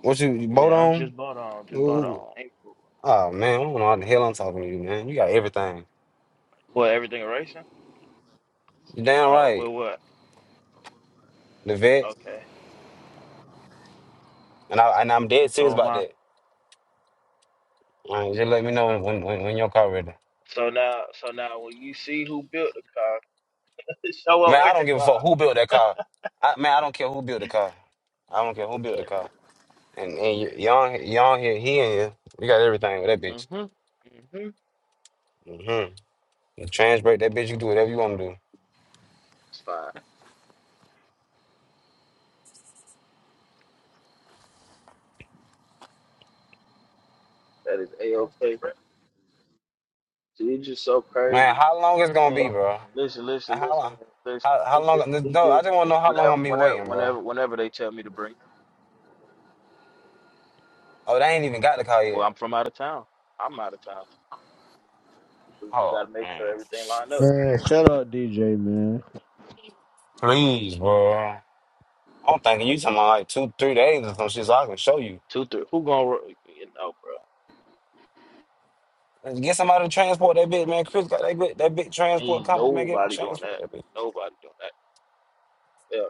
[SPEAKER 3] What you, you boat
[SPEAKER 11] yeah, I'm
[SPEAKER 3] on?
[SPEAKER 11] just bought on. Just bought on. April.
[SPEAKER 3] Oh man, I don't know how the hell I'm talking to you, man. You got everything.
[SPEAKER 11] What everything racing?
[SPEAKER 3] You damn
[SPEAKER 11] Oh,
[SPEAKER 3] right.
[SPEAKER 11] well, what?
[SPEAKER 3] The vet.
[SPEAKER 11] Okay.
[SPEAKER 3] And I and I'm dead
[SPEAKER 11] And
[SPEAKER 3] serious
[SPEAKER 11] so
[SPEAKER 3] about
[SPEAKER 11] my,
[SPEAKER 3] that. Man, just let me know when, when when when your car ready.
[SPEAKER 11] So now, so now, when you see who built the car, show up
[SPEAKER 3] Man, I
[SPEAKER 11] with the
[SPEAKER 3] don't give a fuck
[SPEAKER 11] car.
[SPEAKER 3] who built that car. I man, I don't care who built the car. I don't care who built the
[SPEAKER 11] Okay.
[SPEAKER 3] car. And and y- y'all y'all here, he in here. You got everything with that bitch.
[SPEAKER 11] Mhm. Mhm.
[SPEAKER 3] Mm-hmm. You trans break that bitch, you do whatever you wanna do.
[SPEAKER 11] That's fine. That is a okay. So you just so
[SPEAKER 3] Man,
[SPEAKER 11] crazy.
[SPEAKER 3] how long it's gonna be,
[SPEAKER 11] Man,
[SPEAKER 3] bro?
[SPEAKER 11] listen, listen,
[SPEAKER 3] How
[SPEAKER 11] listen, listen.
[SPEAKER 3] how
[SPEAKER 11] It
[SPEAKER 3] how
[SPEAKER 11] just,
[SPEAKER 3] long?
[SPEAKER 11] it
[SPEAKER 3] No, I
[SPEAKER 11] just,
[SPEAKER 3] just want to know how long
[SPEAKER 11] whenever,
[SPEAKER 3] I'm be
[SPEAKER 11] whenever,
[SPEAKER 3] waiting, bro.
[SPEAKER 11] whenever, whenever they tell me to bring,
[SPEAKER 3] Oh, they ain't even got the call
[SPEAKER 11] well,
[SPEAKER 3] yet.
[SPEAKER 11] I'm from out of town. I'm out of town. We, we got
[SPEAKER 3] Oh
[SPEAKER 11] to make sure
[SPEAKER 3] man,
[SPEAKER 11] everything lined up.
[SPEAKER 13] Man, shout out DJ, man.
[SPEAKER 3] please, bro. I'm thinking you talking about like two, three days or some shit, so I can show you.
[SPEAKER 11] Two, three. Who gonna? ro- You know, bro.
[SPEAKER 3] Get somebody to transport that bitch, man. Chris got that big, that big transport
[SPEAKER 11] Ain't
[SPEAKER 3] company, man. Get
[SPEAKER 11] nobody doing
[SPEAKER 3] transport
[SPEAKER 11] that.
[SPEAKER 3] that bitch.
[SPEAKER 11] Nobody doing that. Yeah,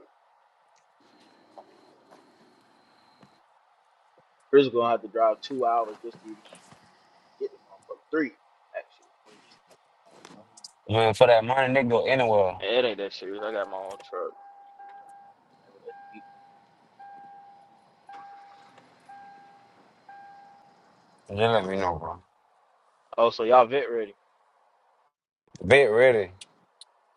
[SPEAKER 11] Chris gonna have to drive two hours just to even get the motherfucker. Three, actually.
[SPEAKER 3] Man, for that money, nigga, go anywhere.
[SPEAKER 11] And it ain't that serious. I got my own truck.
[SPEAKER 3] Just let me know, bro.
[SPEAKER 11] Oh, so y'all vet ready?
[SPEAKER 3] Bet ready,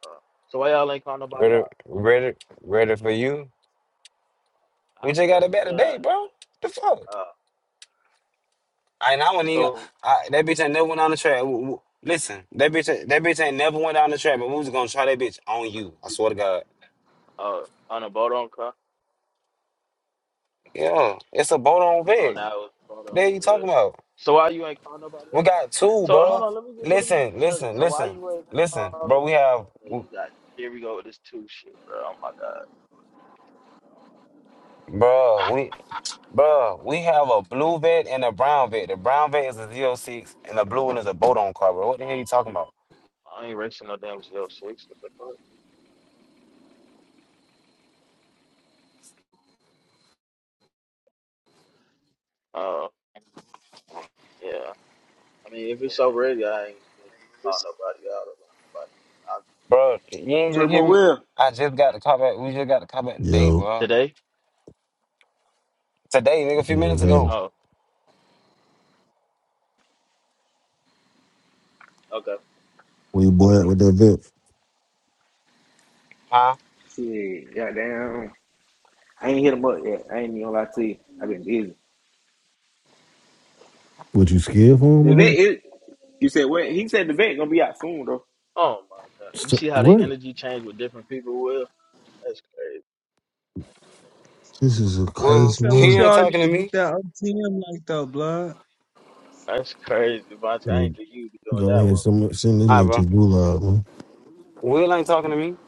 [SPEAKER 11] Uh, so why y'all ain't call nobody
[SPEAKER 3] ready,
[SPEAKER 11] up?
[SPEAKER 3] ready, ready for you.
[SPEAKER 11] I,
[SPEAKER 3] We just got a bet
[SPEAKER 11] yeah.
[SPEAKER 3] today, bro. The fuck?
[SPEAKER 11] Uh,
[SPEAKER 3] And I wouldn't even.
[SPEAKER 11] so
[SPEAKER 3] I, that bitch ain't never went on the track. W- w- Listen, that bitch, ain't- that bitch ain't never went down the track. But we was gonna try that bitch on you. I swear to God.
[SPEAKER 11] Oh, on a boat on car?
[SPEAKER 3] Yeah, it's a boat on
[SPEAKER 11] Oh,
[SPEAKER 3] vet.
[SPEAKER 11] now it was a boat on.
[SPEAKER 3] That you
[SPEAKER 11] Good.
[SPEAKER 3] talking about?
[SPEAKER 11] So why you ain't call nobody
[SPEAKER 3] We
[SPEAKER 11] else out?
[SPEAKER 3] got two,
[SPEAKER 11] So hold
[SPEAKER 3] bro.
[SPEAKER 11] on, let me get so let me get this
[SPEAKER 3] Listen,
[SPEAKER 11] straight.
[SPEAKER 3] listen,
[SPEAKER 11] So why
[SPEAKER 3] listen,
[SPEAKER 11] you ain't
[SPEAKER 3] listen,
[SPEAKER 11] call?
[SPEAKER 3] bro. We have,
[SPEAKER 11] Uh,
[SPEAKER 3] w-
[SPEAKER 11] you got here we go with this two shit, bro. Oh my god,
[SPEAKER 3] bro. We, bro. We have a blue vet and a brown vet. The brown vet is a zero six, and the blue one is a boat on car, bro. What the hell you talking about,
[SPEAKER 11] I ain't racing no damn zero six. What the fuck? Oh yeah. I mean, if it's so ready, I ain't gonna call nobody out or lock nobody in. I,
[SPEAKER 3] bro? You ain't just hear
[SPEAKER 2] Turbo
[SPEAKER 3] me.
[SPEAKER 2] Will.
[SPEAKER 3] I just got the car back. We just got the car back today,
[SPEAKER 14] Yo,
[SPEAKER 3] bro.
[SPEAKER 11] today?
[SPEAKER 3] Today, nigga, a few
[SPEAKER 14] what was
[SPEAKER 3] minutes
[SPEAKER 14] happening?
[SPEAKER 3] ago.
[SPEAKER 11] Oh, okay.
[SPEAKER 14] Where your boy at with that vet?
[SPEAKER 3] Huh?
[SPEAKER 2] Shit. Goddamn. I ain't hit him up yet. I ain't even gonna lie to you. I've been busy.
[SPEAKER 14] What you scared for
[SPEAKER 2] The vet
[SPEAKER 14] him?
[SPEAKER 2] is you said what?
[SPEAKER 14] Huh?
[SPEAKER 2] He said the vet gonna be out soon though.
[SPEAKER 11] Oh my god, you
[SPEAKER 14] So,
[SPEAKER 11] see how they
[SPEAKER 14] what?
[SPEAKER 11] energy change with different people? Will that's crazy.
[SPEAKER 14] This is a
[SPEAKER 15] I
[SPEAKER 3] Well,
[SPEAKER 15] was
[SPEAKER 14] crazy
[SPEAKER 15] tell
[SPEAKER 3] he
[SPEAKER 15] with
[SPEAKER 14] world.
[SPEAKER 3] ain't
[SPEAKER 15] y'all
[SPEAKER 3] talking to
[SPEAKER 15] niggas
[SPEAKER 3] me.
[SPEAKER 15] with that OTM like though, blood.
[SPEAKER 11] That's crazy, Vontae. I
[SPEAKER 14] Like,
[SPEAKER 11] ain't think you be doing
[SPEAKER 14] go
[SPEAKER 11] that
[SPEAKER 14] ahead,
[SPEAKER 11] one.
[SPEAKER 14] some, send this
[SPEAKER 3] All right,
[SPEAKER 14] nigga to
[SPEAKER 3] bro.
[SPEAKER 14] gulag, man.
[SPEAKER 3] Will ain't talking to me.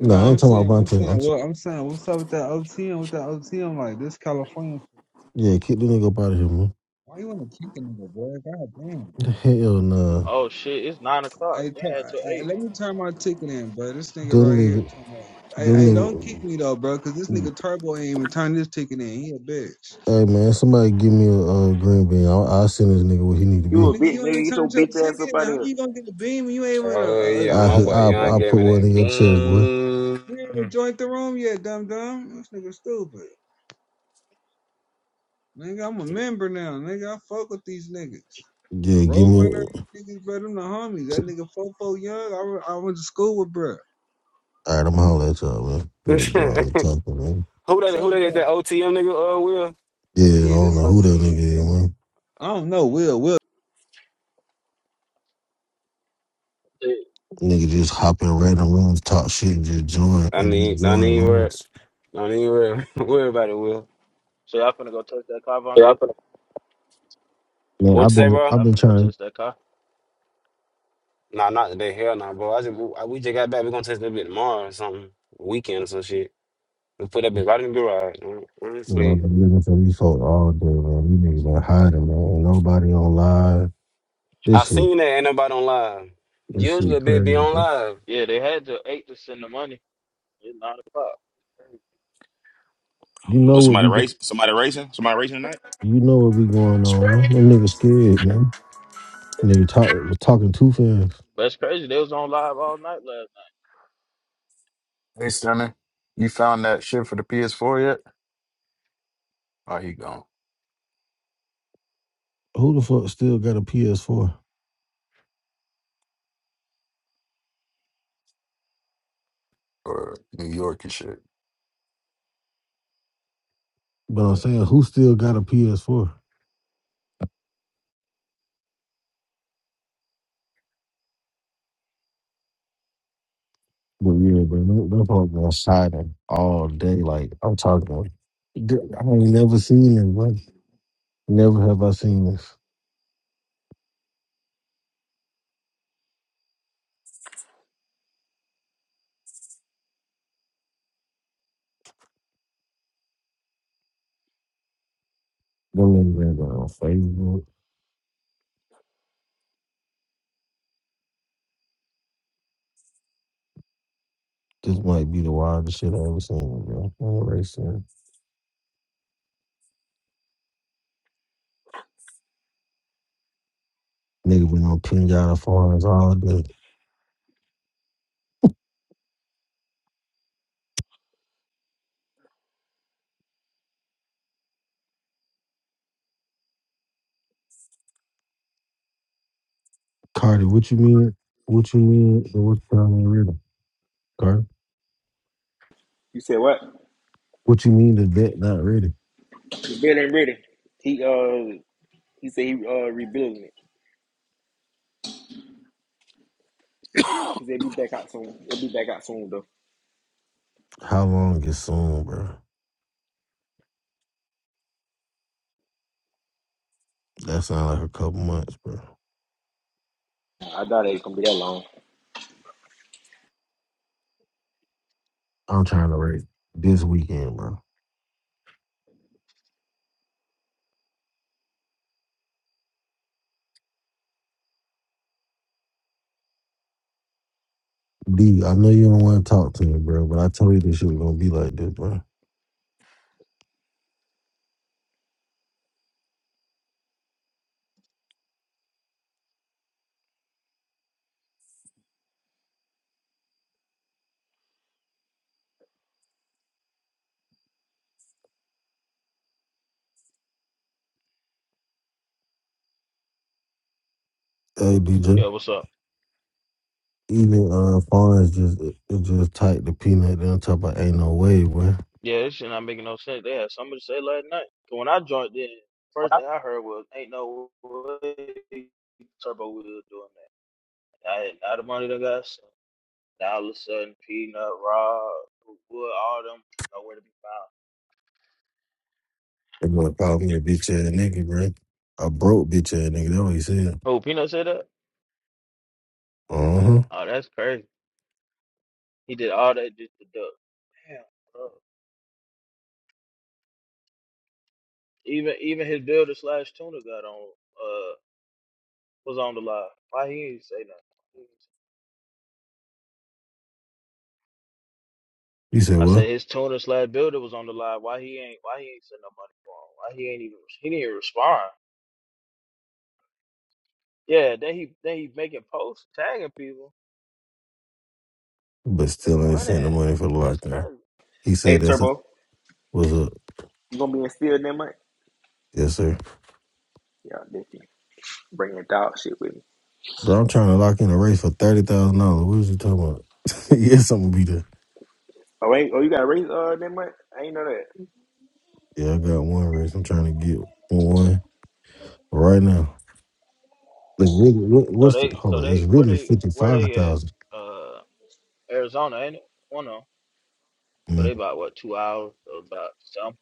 [SPEAKER 15] No,
[SPEAKER 14] Nah, I ain't
[SPEAKER 15] I'm
[SPEAKER 14] talking
[SPEAKER 15] saying,
[SPEAKER 14] about
[SPEAKER 15] I'm
[SPEAKER 14] Vontae.
[SPEAKER 15] saying,
[SPEAKER 14] I'm t-
[SPEAKER 15] well, I'm saying, what's up with that OTM? With that OTM, like this California shit.
[SPEAKER 14] yeah, kick the nigga up out of here, man.
[SPEAKER 15] Why you want to kick a nigga, bro? God damn.
[SPEAKER 14] Hell nah.
[SPEAKER 11] Oh shit, it's nine o'clock.
[SPEAKER 15] I, t-
[SPEAKER 11] They had till
[SPEAKER 15] I, I
[SPEAKER 11] eight.
[SPEAKER 15] let me turn my ticket in, bro. This nigga
[SPEAKER 14] Them
[SPEAKER 15] right here,
[SPEAKER 14] nigga,
[SPEAKER 15] turn that. I,
[SPEAKER 14] them
[SPEAKER 15] I don't kick me though, bro, cause this
[SPEAKER 14] nigga.
[SPEAKER 15] nigga Turbo ain't even turned his ticket in. He a bitch.
[SPEAKER 14] Hey man, somebody give me a, uh green bean. I'll, I'll send this nigga where he need to
[SPEAKER 2] You
[SPEAKER 14] be.
[SPEAKER 2] a
[SPEAKER 15] Nigga,
[SPEAKER 2] bitch,
[SPEAKER 15] you
[SPEAKER 2] nigga.
[SPEAKER 15] ain't
[SPEAKER 2] Get your
[SPEAKER 15] turned your
[SPEAKER 2] bitch ass up
[SPEAKER 15] ticket in.
[SPEAKER 2] out
[SPEAKER 15] How
[SPEAKER 2] of here.
[SPEAKER 15] you gonna get a beam? when You ain't even a,
[SPEAKER 3] Oh
[SPEAKER 15] a, a,
[SPEAKER 3] yeah,
[SPEAKER 15] a,
[SPEAKER 14] I
[SPEAKER 3] my
[SPEAKER 15] a,
[SPEAKER 14] hit-
[SPEAKER 3] boy
[SPEAKER 14] I
[SPEAKER 15] a
[SPEAKER 3] Young
[SPEAKER 14] I
[SPEAKER 3] gave
[SPEAKER 14] put
[SPEAKER 3] me
[SPEAKER 14] one in
[SPEAKER 3] that
[SPEAKER 14] your chest, boy.
[SPEAKER 3] bean.
[SPEAKER 15] you ain't even joined the room yet, dumb dumb. This nigga stupid. Nigga, I'm a member now. Nigga, I fuck with these niggas.
[SPEAKER 14] Yeah, give me.
[SPEAKER 15] Roadrunner niggas, bro, them the homies. That nigga Fofo Young, I, re- I went to school with, bro.
[SPEAKER 14] All right, I'm holler at y'all, man.
[SPEAKER 3] who
[SPEAKER 14] Nigga, I'm
[SPEAKER 3] that?
[SPEAKER 14] talking, man.
[SPEAKER 15] What's up
[SPEAKER 3] Who that
[SPEAKER 15] with
[SPEAKER 3] is?
[SPEAKER 15] y'all?
[SPEAKER 3] That OTM nigga? Uh, Will.
[SPEAKER 14] Yeah, I
[SPEAKER 15] Yeah,
[SPEAKER 14] don't
[SPEAKER 15] this
[SPEAKER 14] know who that nigga
[SPEAKER 15] OTN,
[SPEAKER 14] is,
[SPEAKER 15] bro.
[SPEAKER 14] man.
[SPEAKER 15] I don't know, Will Will.
[SPEAKER 11] Shit.
[SPEAKER 14] Nigga just hop in random rooms, talk shit, and just join
[SPEAKER 3] I
[SPEAKER 14] and just
[SPEAKER 3] need. No
[SPEAKER 14] join
[SPEAKER 3] need worry.
[SPEAKER 14] rooms.
[SPEAKER 3] No need worry. worry about it, Will.
[SPEAKER 11] So y'all finna go touch that car, Vontae?
[SPEAKER 14] Man,
[SPEAKER 3] What you
[SPEAKER 14] I've
[SPEAKER 3] say,
[SPEAKER 14] been
[SPEAKER 3] bro?
[SPEAKER 14] I've
[SPEAKER 11] Y'all
[SPEAKER 14] been
[SPEAKER 11] finna go
[SPEAKER 14] trying
[SPEAKER 11] touch that car?
[SPEAKER 3] Nah, not today. Hell, nah, bro. I just I, we just got back. We gonna test that bit tomorrow or something. Weekend or some shit. We put that bit right in the garage.
[SPEAKER 14] you know, I've
[SPEAKER 3] Honestly,
[SPEAKER 14] been looking for these folks all day, man. These niggas been hiding, man. Ain't nobody on live.
[SPEAKER 3] I
[SPEAKER 14] This shit
[SPEAKER 3] seen that. Ain't nobody on live.
[SPEAKER 14] this
[SPEAKER 3] Usually,
[SPEAKER 14] shit
[SPEAKER 3] a bit be
[SPEAKER 14] crazy,
[SPEAKER 3] on
[SPEAKER 14] bro.
[SPEAKER 3] live.
[SPEAKER 11] Yeah, they had till eight to send the money. It's nine o'clock.
[SPEAKER 14] You know
[SPEAKER 8] Was
[SPEAKER 14] what be
[SPEAKER 8] somebody race? Somebody racing? Somebody racing tonight?
[SPEAKER 14] you know what be going on, man. Them niggas scared, man. Nigga talk was talking too fast.
[SPEAKER 11] That's crazy. They was on live all night last
[SPEAKER 10] Hey Stunner, you found that shit for the PS4 yet? Oh, he gone.
[SPEAKER 14] Who the fuck still got a PS4?
[SPEAKER 10] Or New York and shit.
[SPEAKER 14] But I'm saying who still got a PS4? But yeah, bro, that, that part been exciting all day. Like I'm talking, about. I ain't never seen this, bro. Never have I seen this. Them niggas been going on Facebook. This might be the wildest shit I ever seen, bro. I ain't really seen it. Nigga been on pinata farms all day. Cardi, what you mean? What you mean? The what time ain't ready? Cardi,
[SPEAKER 2] You said what?
[SPEAKER 14] what you mean the vet not ready?
[SPEAKER 2] The vet ain't ready. He uh he said he uh rebuilding it. He said be back out soon. He'll be back out soon though.
[SPEAKER 14] How long is soon, bro? That sound like a couple months, bro.
[SPEAKER 2] I doubt it ain't gonna be that long.
[SPEAKER 14] I'm trying to rate this weekend, bro. D, I know you don't want to talk to me, bro, but I told you this shit was gonna be like this, bro. Hey,
[SPEAKER 11] night.
[SPEAKER 14] DJ,
[SPEAKER 11] Yeah, what's up?
[SPEAKER 14] even uh, Farns just it just typed the peanut on top of ain't no way, bro.
[SPEAKER 11] Yeah, this shit not making no sense. They had something to say last night. 'Cause When I joined in, first thing I heard was, "Ain't no way Turbo Will doing that." I had all the money that got sent. Now all of a sudden, Peanut, Rob, Wood, all them nowhere to be found.
[SPEAKER 14] They gonna call me a bitch ass nigga, bro. A broke bitch ass nigga. That's what he said.
[SPEAKER 11] Oh, Peanut said that?
[SPEAKER 14] Uh huh.
[SPEAKER 11] Oh, that's crazy. He did all that just to duck. Damn, bro. Even even his builder slash tuner got on uh was on the live. Why he ain't say nothing?
[SPEAKER 14] He said
[SPEAKER 11] I
[SPEAKER 14] what?
[SPEAKER 11] said his tuner slash builder was on the live. Why he ain't why he ain't send no money for him? Why he ain't even he didn't even respond. Yeah, then he then he making posts tagging people.
[SPEAKER 14] But
[SPEAKER 11] Where the
[SPEAKER 14] still ain't
[SPEAKER 11] money
[SPEAKER 14] sent the
[SPEAKER 11] at?
[SPEAKER 14] money for the
[SPEAKER 11] That's
[SPEAKER 14] lock in.
[SPEAKER 11] crazy.
[SPEAKER 14] He
[SPEAKER 2] Hey
[SPEAKER 14] said that's it.
[SPEAKER 2] Turbo,
[SPEAKER 14] What's up?
[SPEAKER 2] you gonna be in steel that month?
[SPEAKER 14] Yes, sir.
[SPEAKER 2] Yeah, definitely. Bring your dog shit with me.
[SPEAKER 14] Bro, I'm trying to lock in a race for thirty thousand dollars. What is you talking about? yes, I'm gonna be there.
[SPEAKER 2] Oh ain't oh you got a race uh that month? I ain't know that.
[SPEAKER 14] Yeah, I got one race. I'm trying to get one right now. Like really, what,
[SPEAKER 11] So
[SPEAKER 14] what's the
[SPEAKER 11] they
[SPEAKER 14] hold
[SPEAKER 11] so
[SPEAKER 14] on? It's
[SPEAKER 11] they where
[SPEAKER 14] really
[SPEAKER 11] they
[SPEAKER 14] fifty
[SPEAKER 11] where
[SPEAKER 14] five
[SPEAKER 11] they
[SPEAKER 14] thousand.
[SPEAKER 11] at? Uh Arizona, ain't it? One of 'em. So
[SPEAKER 14] Mm-hmm.
[SPEAKER 11] they about what, two hours? So about some.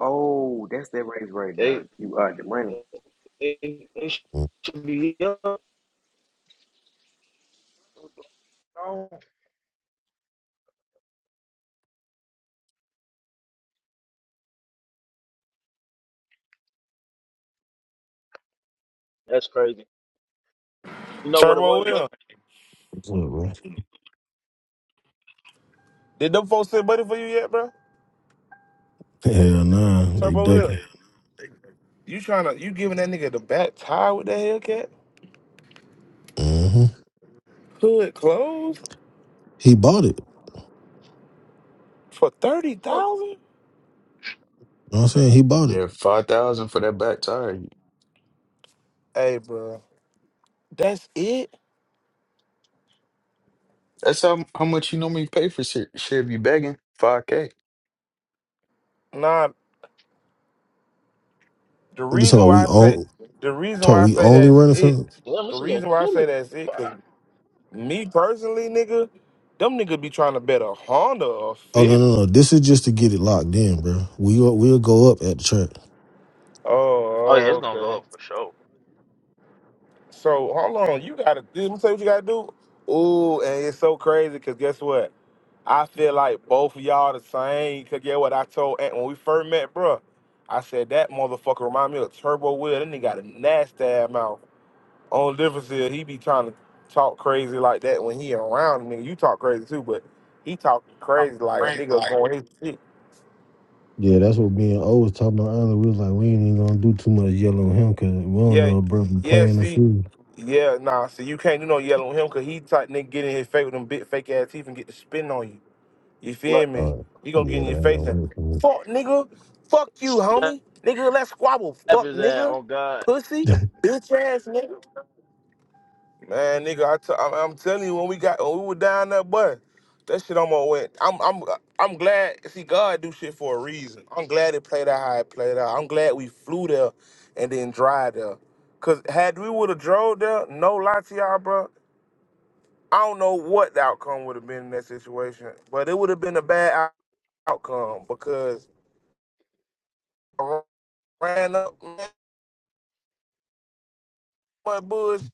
[SPEAKER 2] Oh, that's that race right
[SPEAKER 11] They.
[SPEAKER 2] there. You uh the money.
[SPEAKER 11] They, they
[SPEAKER 14] What's
[SPEAKER 11] should be up. That's crazy. You know what it
[SPEAKER 1] Turbo
[SPEAKER 11] was
[SPEAKER 1] Will.
[SPEAKER 11] though?
[SPEAKER 14] up, bro?
[SPEAKER 1] Did them folks send money for you yet, bro?
[SPEAKER 14] Hell nah, they
[SPEAKER 1] Turbo Will.
[SPEAKER 14] ducking.
[SPEAKER 1] You trying to you giving that nigga the back tie with that Hellcat?
[SPEAKER 14] hmm
[SPEAKER 1] Hood closed
[SPEAKER 14] He bought it.
[SPEAKER 1] for thirty
[SPEAKER 11] Fuck,
[SPEAKER 1] thousand?
[SPEAKER 14] You know what I'm saying? He bought it.
[SPEAKER 10] Yeah, five thousand for that back tire.
[SPEAKER 1] Hey, bro, that's it.
[SPEAKER 10] That's how how much you normally pay for shit. Shit, be begging five k.
[SPEAKER 1] Nah, the
[SPEAKER 14] You talking
[SPEAKER 1] reason
[SPEAKER 14] about we
[SPEAKER 1] why I say
[SPEAKER 14] on
[SPEAKER 1] the reason
[SPEAKER 14] talk
[SPEAKER 1] why I
[SPEAKER 14] we
[SPEAKER 1] say
[SPEAKER 14] only
[SPEAKER 1] that's
[SPEAKER 14] running
[SPEAKER 1] it.
[SPEAKER 14] from
[SPEAKER 11] damn,
[SPEAKER 1] The
[SPEAKER 11] it's a little
[SPEAKER 1] reason why I
[SPEAKER 11] chilly.
[SPEAKER 1] say that's it, cause
[SPEAKER 11] Fuck.
[SPEAKER 1] me personally, nigga, them nigga be trying to bet a Honda or
[SPEAKER 14] Oh no
[SPEAKER 1] fifth.
[SPEAKER 14] no no. This is just to get it locked in, bro. We we'll we'll go up at the track.
[SPEAKER 1] Oh,
[SPEAKER 11] Oh yeah, it's
[SPEAKER 1] oh,
[SPEAKER 11] gonna go
[SPEAKER 1] okay.
[SPEAKER 11] up for sure.
[SPEAKER 1] So hold on, you gotta let me say what you gotta do. Ooh, and it's so crazy because guess what? I feel like both of y'all the same. Cause get what I told Aunt when we first met, bruh. I said that motherfucker remind me of Turbo Will. That nigga got a nasty ass mouth. Only difference is he be trying to talk crazy like that when he around nigga. You talk crazy too, but he talk crazy like a
[SPEAKER 14] Crazy,
[SPEAKER 1] nigga
[SPEAKER 14] like
[SPEAKER 1] going his shit.
[SPEAKER 14] Yeah, that's what me and O was talking about earlier. We was like, we ain't even gonna do too much yellow on him because we don't
[SPEAKER 1] Yeah,
[SPEAKER 14] know if bro be
[SPEAKER 1] yeah.
[SPEAKER 14] playing us
[SPEAKER 1] See,
[SPEAKER 14] through.
[SPEAKER 1] yeah. Nah. See, you can't do no yelling with him because he type nigga get in his face with them big fake ass teeth and get to spin on you. You feel
[SPEAKER 11] Look,
[SPEAKER 14] Uh,
[SPEAKER 1] me? You gonna get
[SPEAKER 14] yeah,
[SPEAKER 1] in
[SPEAKER 14] that
[SPEAKER 1] your
[SPEAKER 14] ain't gonna
[SPEAKER 1] face and
[SPEAKER 14] work for
[SPEAKER 1] fuck nigga, fuck you,
[SPEAKER 11] Slap
[SPEAKER 1] homie. Nigga, let's squabble. Fuck
[SPEAKER 11] his ass
[SPEAKER 1] nigga,
[SPEAKER 11] on God.
[SPEAKER 14] me.
[SPEAKER 1] pussy, bitch ass nigga. Man, nigga, I t- I'm, I'm telling you, when we got when we were down that bus, that shit almost went. I'm I'm I'm glad. See, God do shit for a reason. I'm glad it played out how it played out. I'm glad we flew there and then drive there. Cause had we would have drove there, no lie to y'all, bro. I don't know what the outcome would have been in that situation, but it would have been a bad outcome because I ran up my bullshit,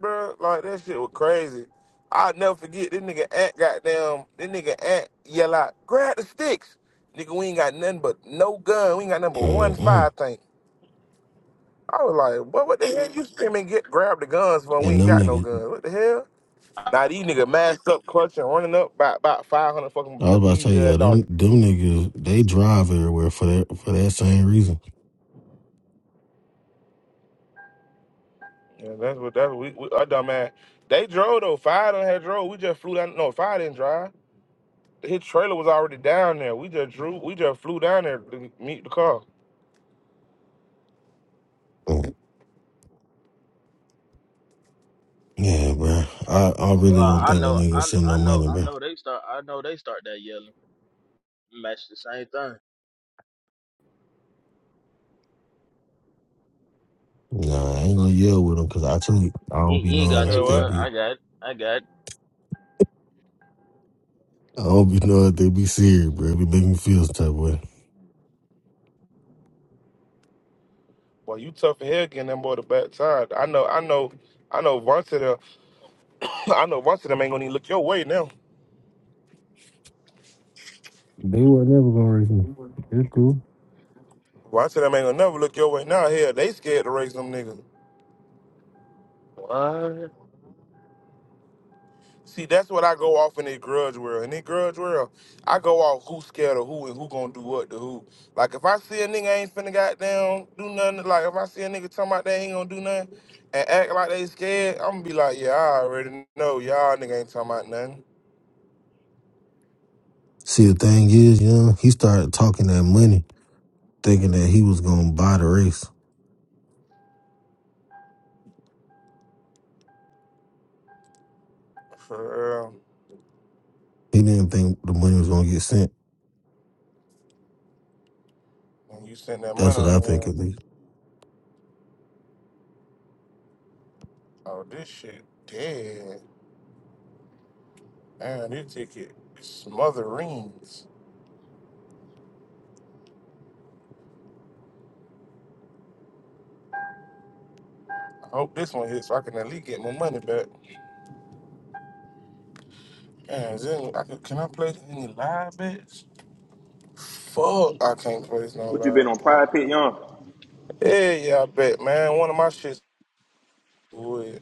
[SPEAKER 1] bro. Like that shit was crazy. I'll never forget this nigga Ant goddamn. This nigga Ant yell out, "Grab the sticks, nigga! We ain't got nothing but no gun. We ain't got nothing but one fire
[SPEAKER 14] Mm-mm.
[SPEAKER 1] thing." I was like, "What? What the hell? You screaming? Get grab the guns for when we
[SPEAKER 14] And
[SPEAKER 1] ain't
[SPEAKER 14] them
[SPEAKER 1] got no
[SPEAKER 14] niggas.
[SPEAKER 1] guns? What the hell?" Now these nigga masked up, clutching, running up by about five hundred fucking
[SPEAKER 14] I was about to tell you,
[SPEAKER 1] measly
[SPEAKER 14] uh, them
[SPEAKER 1] dollars.
[SPEAKER 14] them niggas, they drive everywhere for that for that same reason.
[SPEAKER 1] Yeah, that's what that's what we, we our dumb ass. They drove though. Five done had drove. We just flew down. No, fire did didn't drive. His trailer was already down there. We just drew. We just flew down there to meet the car.
[SPEAKER 14] Mm. Yeah, bro. I, I
[SPEAKER 11] Well,
[SPEAKER 14] really don't
[SPEAKER 11] I
[SPEAKER 14] think the
[SPEAKER 11] know,
[SPEAKER 14] niggas
[SPEAKER 11] I,
[SPEAKER 14] send
[SPEAKER 11] I
[SPEAKER 14] no
[SPEAKER 11] know,
[SPEAKER 14] money,
[SPEAKER 11] I
[SPEAKER 14] bro.
[SPEAKER 11] know they start. I know they start that yelling. Match the same thing.
[SPEAKER 14] Nah, I ain't gonna yell with them because I tell you, I
[SPEAKER 11] You,
[SPEAKER 14] don't be
[SPEAKER 11] you ain't
[SPEAKER 1] You
[SPEAKER 14] knowing
[SPEAKER 11] got
[SPEAKER 1] said
[SPEAKER 11] too
[SPEAKER 14] if they
[SPEAKER 1] what?
[SPEAKER 11] well.
[SPEAKER 14] be,
[SPEAKER 11] I got, I got.
[SPEAKER 14] I don't be knowing if they be serious, bro. It be making me feel some type of way.
[SPEAKER 1] Well, you tough as hell getting that boy the back tire. I know. I know. I know. Once of them. I know. Once of them ain't gonna even look your way now.
[SPEAKER 14] They were never gonna raise me. It's cool.
[SPEAKER 1] Once of them ain't gonna never look your way now. Hell, they scared to race them niggas.
[SPEAKER 11] What?
[SPEAKER 1] See, that's what I go off in the grudge world. In the grudge world, I go off who's scared of who and who gonna do what to who. Like if I see a nigga ain't finna goddamn do nothing, like if I see a nigga talking about they ain't gonna do nothing and act like they scared, I'm gonna be like, yeah, I already know y'all nigga ain't talking about nothing.
[SPEAKER 14] See, the thing is, you know, he started talking that money, thinking that he was gonna buy the race.
[SPEAKER 1] For real.
[SPEAKER 14] He didn't think the money was gonna get sent.
[SPEAKER 1] When you sent that
[SPEAKER 14] That's
[SPEAKER 1] money
[SPEAKER 14] what
[SPEAKER 1] on
[SPEAKER 14] I think
[SPEAKER 1] there,
[SPEAKER 14] at least.
[SPEAKER 1] oh this shit dead. Man, this ticket smotherings. I hope this one hits so I can at least get my money back. Man, is there any- I could- can I play any live bets? Fuck, I can't place no live. but Yeah, yeah, I bet, man. One of my shits would,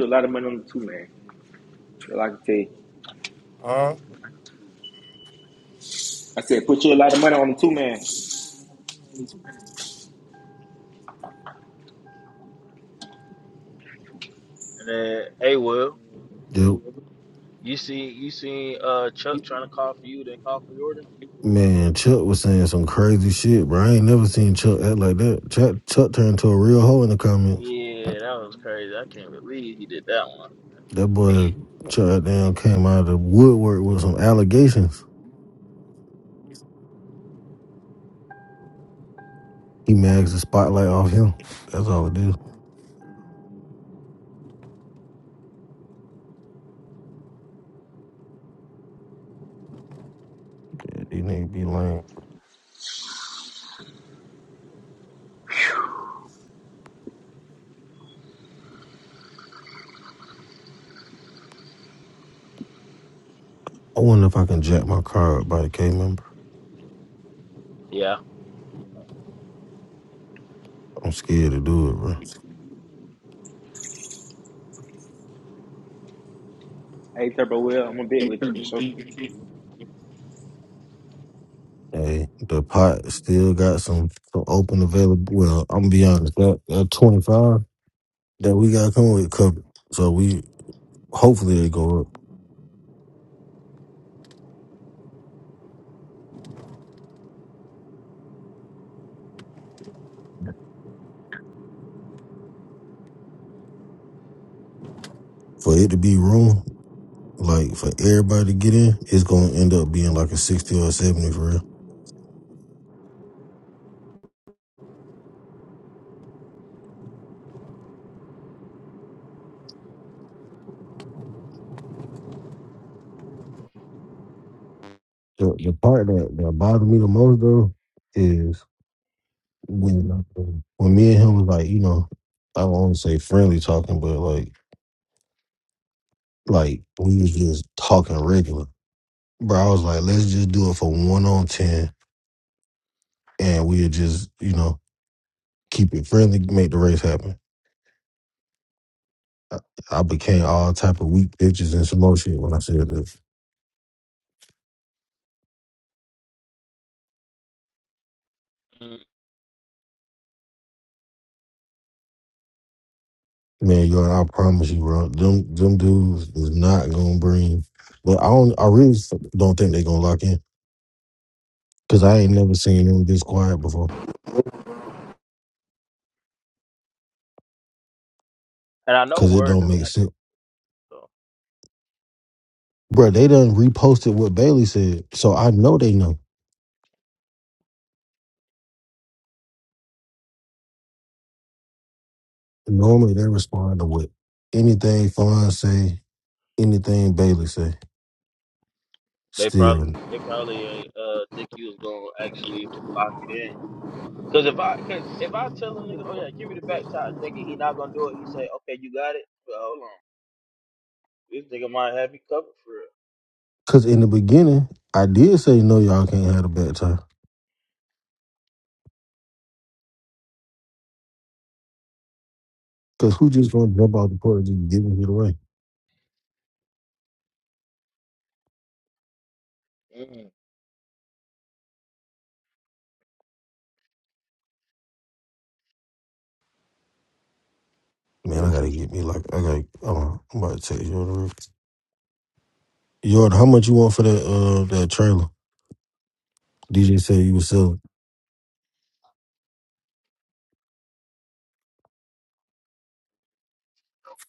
[SPEAKER 2] A lot of money. I
[SPEAKER 1] huh?
[SPEAKER 2] said on the two man.
[SPEAKER 11] And then, hey, well,
[SPEAKER 14] Yep.
[SPEAKER 11] you see, you seen uh Chuck trying to call for you, then call for Jordan.
[SPEAKER 14] Man, Chuck was saying some crazy shit, bro. I ain't never seen Chuck act like that. Chuck, Chuck turned to a real hoe in the comments.
[SPEAKER 11] Yeah, that was crazy. I can't believe he did that one.
[SPEAKER 14] That boy Chuck down came out of the woodwork with some allegations. He mags the spotlight off him. That's all it is. Yeah, these niggas be lame. I wonder if I can jack my car up by the K member.
[SPEAKER 11] Yeah.
[SPEAKER 14] I'm scared to do it, bro.
[SPEAKER 2] Hey Turbo, well, I'm gonna bet with you for sure.
[SPEAKER 14] Hey, the pot still got some, some open available. Well, I'm gonna be honest, that, that 25 that we got coming with covered. So we hopefully it go up for it to be room. Like for everybody to get in, it's gonna end up being like a sixty or a seventy for real. The, the part that, that bothered me the most though is when when me and him was like, you know, I won't say friendly talking, but like like we was just talking regular. Bro, I was like, let's just do it for one on ten, and we'll just you know keep it friendly, make the race happen. I, I became all type of weak bitches and some more shit when I said that.
[SPEAKER 11] Mm.
[SPEAKER 14] Man, you I promise you, bro. Them them dudes is not gonna bring. But I don't. I really don't think they gonna lock in because I ain't never seen them this quiet before.
[SPEAKER 11] And I know
[SPEAKER 14] Because it
[SPEAKER 11] Word
[SPEAKER 14] don't
[SPEAKER 11] done got
[SPEAKER 14] make
[SPEAKER 11] that
[SPEAKER 14] sense,
[SPEAKER 11] though. so
[SPEAKER 14] bro. They done reposted what Bailey said, so I know they know. Normally they respond to what anything Fawn say, anything Bailey say.
[SPEAKER 11] They
[SPEAKER 14] Still,
[SPEAKER 11] probably they probably uh uh, think you was gonna actually lock it in. Cause if I cause if I tell a nigga, oh yeah, give me the back tie, thinking he not gonna do it, he say, okay, you got it. But hold on, this nigga might have you covered for
[SPEAKER 14] because in the beginning I did say no, y'all can't have a bad time. Because who just gonna jump out the porch and just giving it away?
[SPEAKER 11] real. Mm.
[SPEAKER 14] Man,
[SPEAKER 16] Hey,
[SPEAKER 14] I gotta get me like I got. to I'm about to text you. Yard, how much you want for that uh that trailer? DJ said you was selling.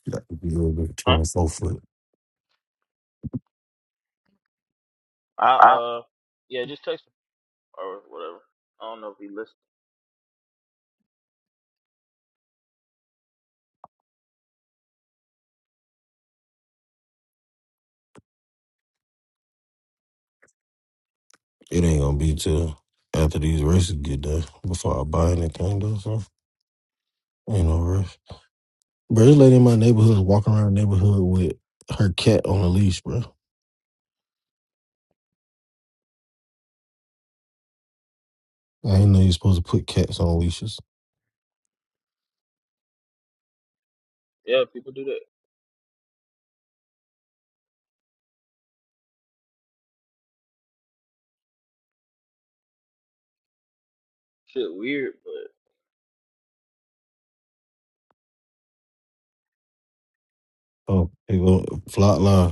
[SPEAKER 14] That could be a little bit
[SPEAKER 11] Huh?
[SPEAKER 14] twenty four foot.
[SPEAKER 11] I uh yeah, just text him or whatever. I don't know if he listens.
[SPEAKER 14] It ain't gonna be till after these races get done before I buy anything though. So ain't no rush. Bro, this lady in my neighborhood is walking around the neighborhood with her cat on a leash, bro. I ain't know you're supposed to put cats on leashes.
[SPEAKER 11] Yeah, people do that shit weird,
[SPEAKER 14] Oh, they go flat line.